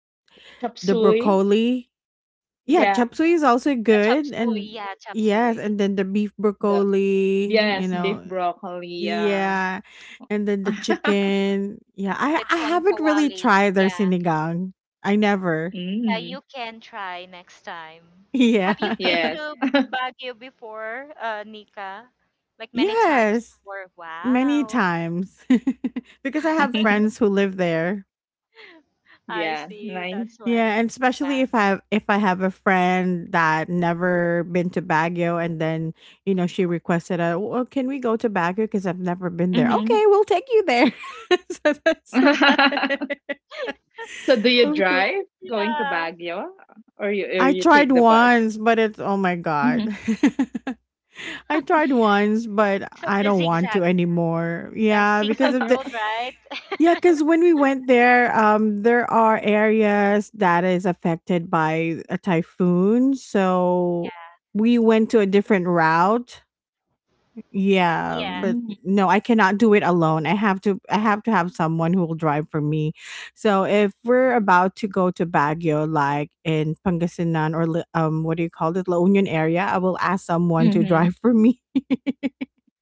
Speaker 2: Chop
Speaker 1: The
Speaker 2: suey.
Speaker 1: broccoli. Yeah,
Speaker 2: Yeah.
Speaker 1: chop suey is also
Speaker 3: Yeah, chop
Speaker 1: good,
Speaker 3: suey.
Speaker 1: and
Speaker 3: Yeah, chop
Speaker 1: yes,
Speaker 3: suey.
Speaker 1: and then the beef
Speaker 2: The
Speaker 1: broccoli. You. Yeah.
Speaker 2: yes,
Speaker 1: Know,
Speaker 2: beef broccoli. Yeah.
Speaker 1: yeah, and then the chicken. Yeah, I
Speaker 3: Lechon
Speaker 1: haven't really
Speaker 3: kawali.
Speaker 1: tried their
Speaker 3: Yeah.
Speaker 1: sinigang. I never.
Speaker 3: Yeah,
Speaker 2: Mm.
Speaker 3: you can try next time.
Speaker 1: Yeah.
Speaker 3: Have you been
Speaker 2: Yes.
Speaker 3: to Baguio before, Nika? Like many times
Speaker 1: Yes,
Speaker 3: before?
Speaker 1: many
Speaker 3: Wow.
Speaker 1: times because I have friends who live there.
Speaker 3: I
Speaker 2: Yeah,
Speaker 3: see,
Speaker 2: nice.
Speaker 3: that's why.
Speaker 1: Yeah, and especially
Speaker 3: Yeah.
Speaker 1: if I have a friend that never been to Baguio and then, you know, she requested a, "Well, can we go to Baguio because I've never been there."
Speaker 2: Mhm.
Speaker 1: Okay, we'll take you there. So that's why.
Speaker 2: So do you
Speaker 1: Of course.
Speaker 2: drive going to
Speaker 3: Yeah.
Speaker 2: Baguio, or you or
Speaker 1: I
Speaker 2: you take
Speaker 1: tried
Speaker 2: the bus?
Speaker 1: once, but it's oh my
Speaker 2: Mhm.
Speaker 1: god. I tried once, but
Speaker 3: So
Speaker 1: I
Speaker 3: the
Speaker 1: don't want
Speaker 3: zigzag.
Speaker 1: to anymore.
Speaker 3: Yeah,
Speaker 1: Yeah,
Speaker 3: zigzag
Speaker 1: because of the
Speaker 3: road, right?
Speaker 1: yeah, because when we went there, there are areas that is affected by a typhoon, so
Speaker 3: Yeah.
Speaker 1: we went to a different route, yeah,
Speaker 3: Yeah.
Speaker 1: but
Speaker 2: Mhm.
Speaker 1: no, I cannot do it alone. I have to have someone who will drive for me. So if we're about to go to Baguio like in Pangasinan or what do you call it? La Union area, I will ask someone to drive
Speaker 2: Mhm.
Speaker 1: for me.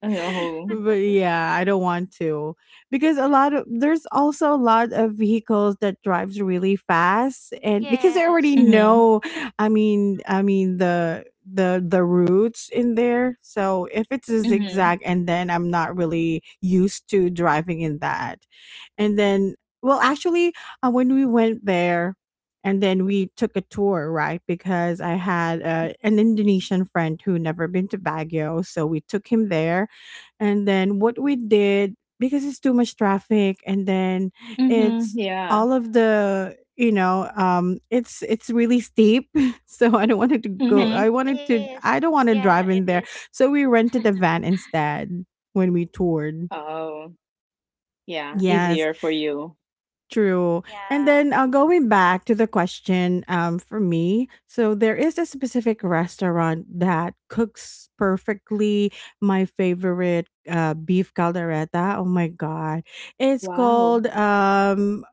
Speaker 2: Oh.
Speaker 1: But yeah, I don't want to because a lot of there's also a lot of vehicles that drives really fast and because I
Speaker 3: Yes.
Speaker 1: already
Speaker 2: Mhm.
Speaker 1: know I mean the routes in there. So if it's a
Speaker 2: Mhm.
Speaker 1: zigzag and then I'm not really used to driving in that. And then well actually, when we went there and then we took a tour, right? Because I had an Indonesian friend who never been to Baguio, so we took him there and then what we did because it's too much traffic and then
Speaker 2: Mhm.
Speaker 1: it's
Speaker 2: Yeah.
Speaker 1: all of the, you know, it's really steep. So
Speaker 3: Yeah,
Speaker 2: Mhm.
Speaker 3: it is.
Speaker 1: I don't want to
Speaker 3: Yeah, it
Speaker 1: drive in
Speaker 3: is.
Speaker 1: there, so we rented a van instead when we toured.
Speaker 2: Oh, yeah.
Speaker 1: Yes.
Speaker 2: Easier for you.
Speaker 1: True. And
Speaker 3: Yeah.
Speaker 1: then going back to the question, for me, so there is a specific restaurant that cooks perfectly my favorite beef caldereta. Oh my God. It's
Speaker 2: Wow.
Speaker 1: called,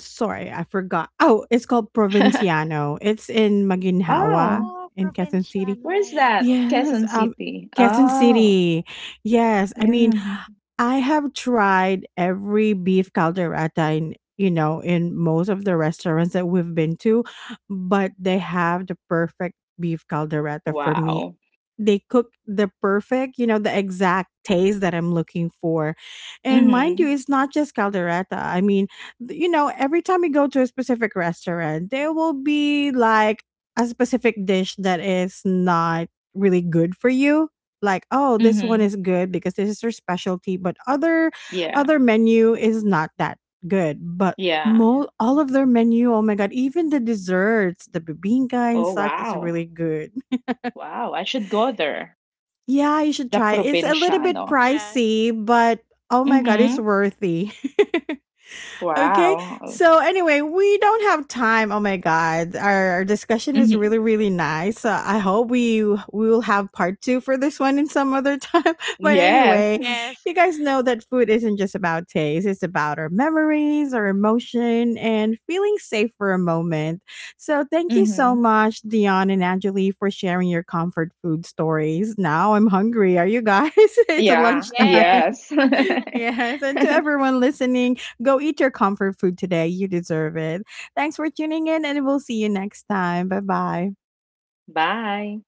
Speaker 1: sorry, I forgot. Oh, it's called Provinciano. It's in Maginhawa
Speaker 2: Oh,
Speaker 3: Oh,
Speaker 1: in Quezon City.
Speaker 2: where's
Speaker 3: Provinciano.
Speaker 2: that?
Speaker 3: Okay.
Speaker 1: Yes.
Speaker 2: Quezon City.
Speaker 1: Quezon
Speaker 2: Oh,
Speaker 1: City. Yes. I mean,
Speaker 2: yeah.
Speaker 1: I have tried every beef caldereta in, you know, in most of the restaurants that we've been to, but they have the perfect beef caldereta for me.
Speaker 2: Wow.
Speaker 1: They cook the perfect, you know, the exact taste that I'm looking for. And mind you,
Speaker 2: Mhm.
Speaker 1: it's not just caldereta. I mean, you know, every time you go to a specific restaurant, there will be like a specific dish that is not really good for you, like oh, this one
Speaker 2: Mhm.
Speaker 1: is good because this is their specialty, but other
Speaker 2: Yeah.
Speaker 1: other menu is not that good but yeah.
Speaker 2: Yeah.
Speaker 1: All of their menu, oh my god, even the desserts, the bibinka and
Speaker 2: Oh,
Speaker 1: such is
Speaker 2: wow.
Speaker 1: really good.
Speaker 2: Wow, I should go there.
Speaker 1: Yeah, you should
Speaker 2: The
Speaker 1: try. It's a little bit
Speaker 2: Provinciano.
Speaker 3: Yeah.
Speaker 1: pricey but oh my god it's
Speaker 2: Mm-hmm.
Speaker 1: worthy. Okay.
Speaker 2: Wow.
Speaker 1: So anyway, we don't have time. Oh my god, our discussion is
Speaker 2: Mm-hmm.
Speaker 1: really really nice. I hope we will have part 2 for this one in some other time. But
Speaker 2: Yes.
Speaker 1: anyway,
Speaker 3: Yes.
Speaker 1: you guys know that food isn't just about taste; it's about our memories, our emotion, and feeling safe for a moment. So thank you so
Speaker 2: Mm-hmm.
Speaker 1: much, Dion and Angeli, for sharing your comfort food stories. Now I'm hungry. Are you guys? It's
Speaker 2: Yeah.
Speaker 3: Yes.
Speaker 1: lunchtime.
Speaker 2: Yes.
Speaker 1: Yes, and to everyone listening, go eat your comfort food today. You deserve it. Thanks for tuning in, and we'll see you next time. Bye bye.
Speaker 2: Bye.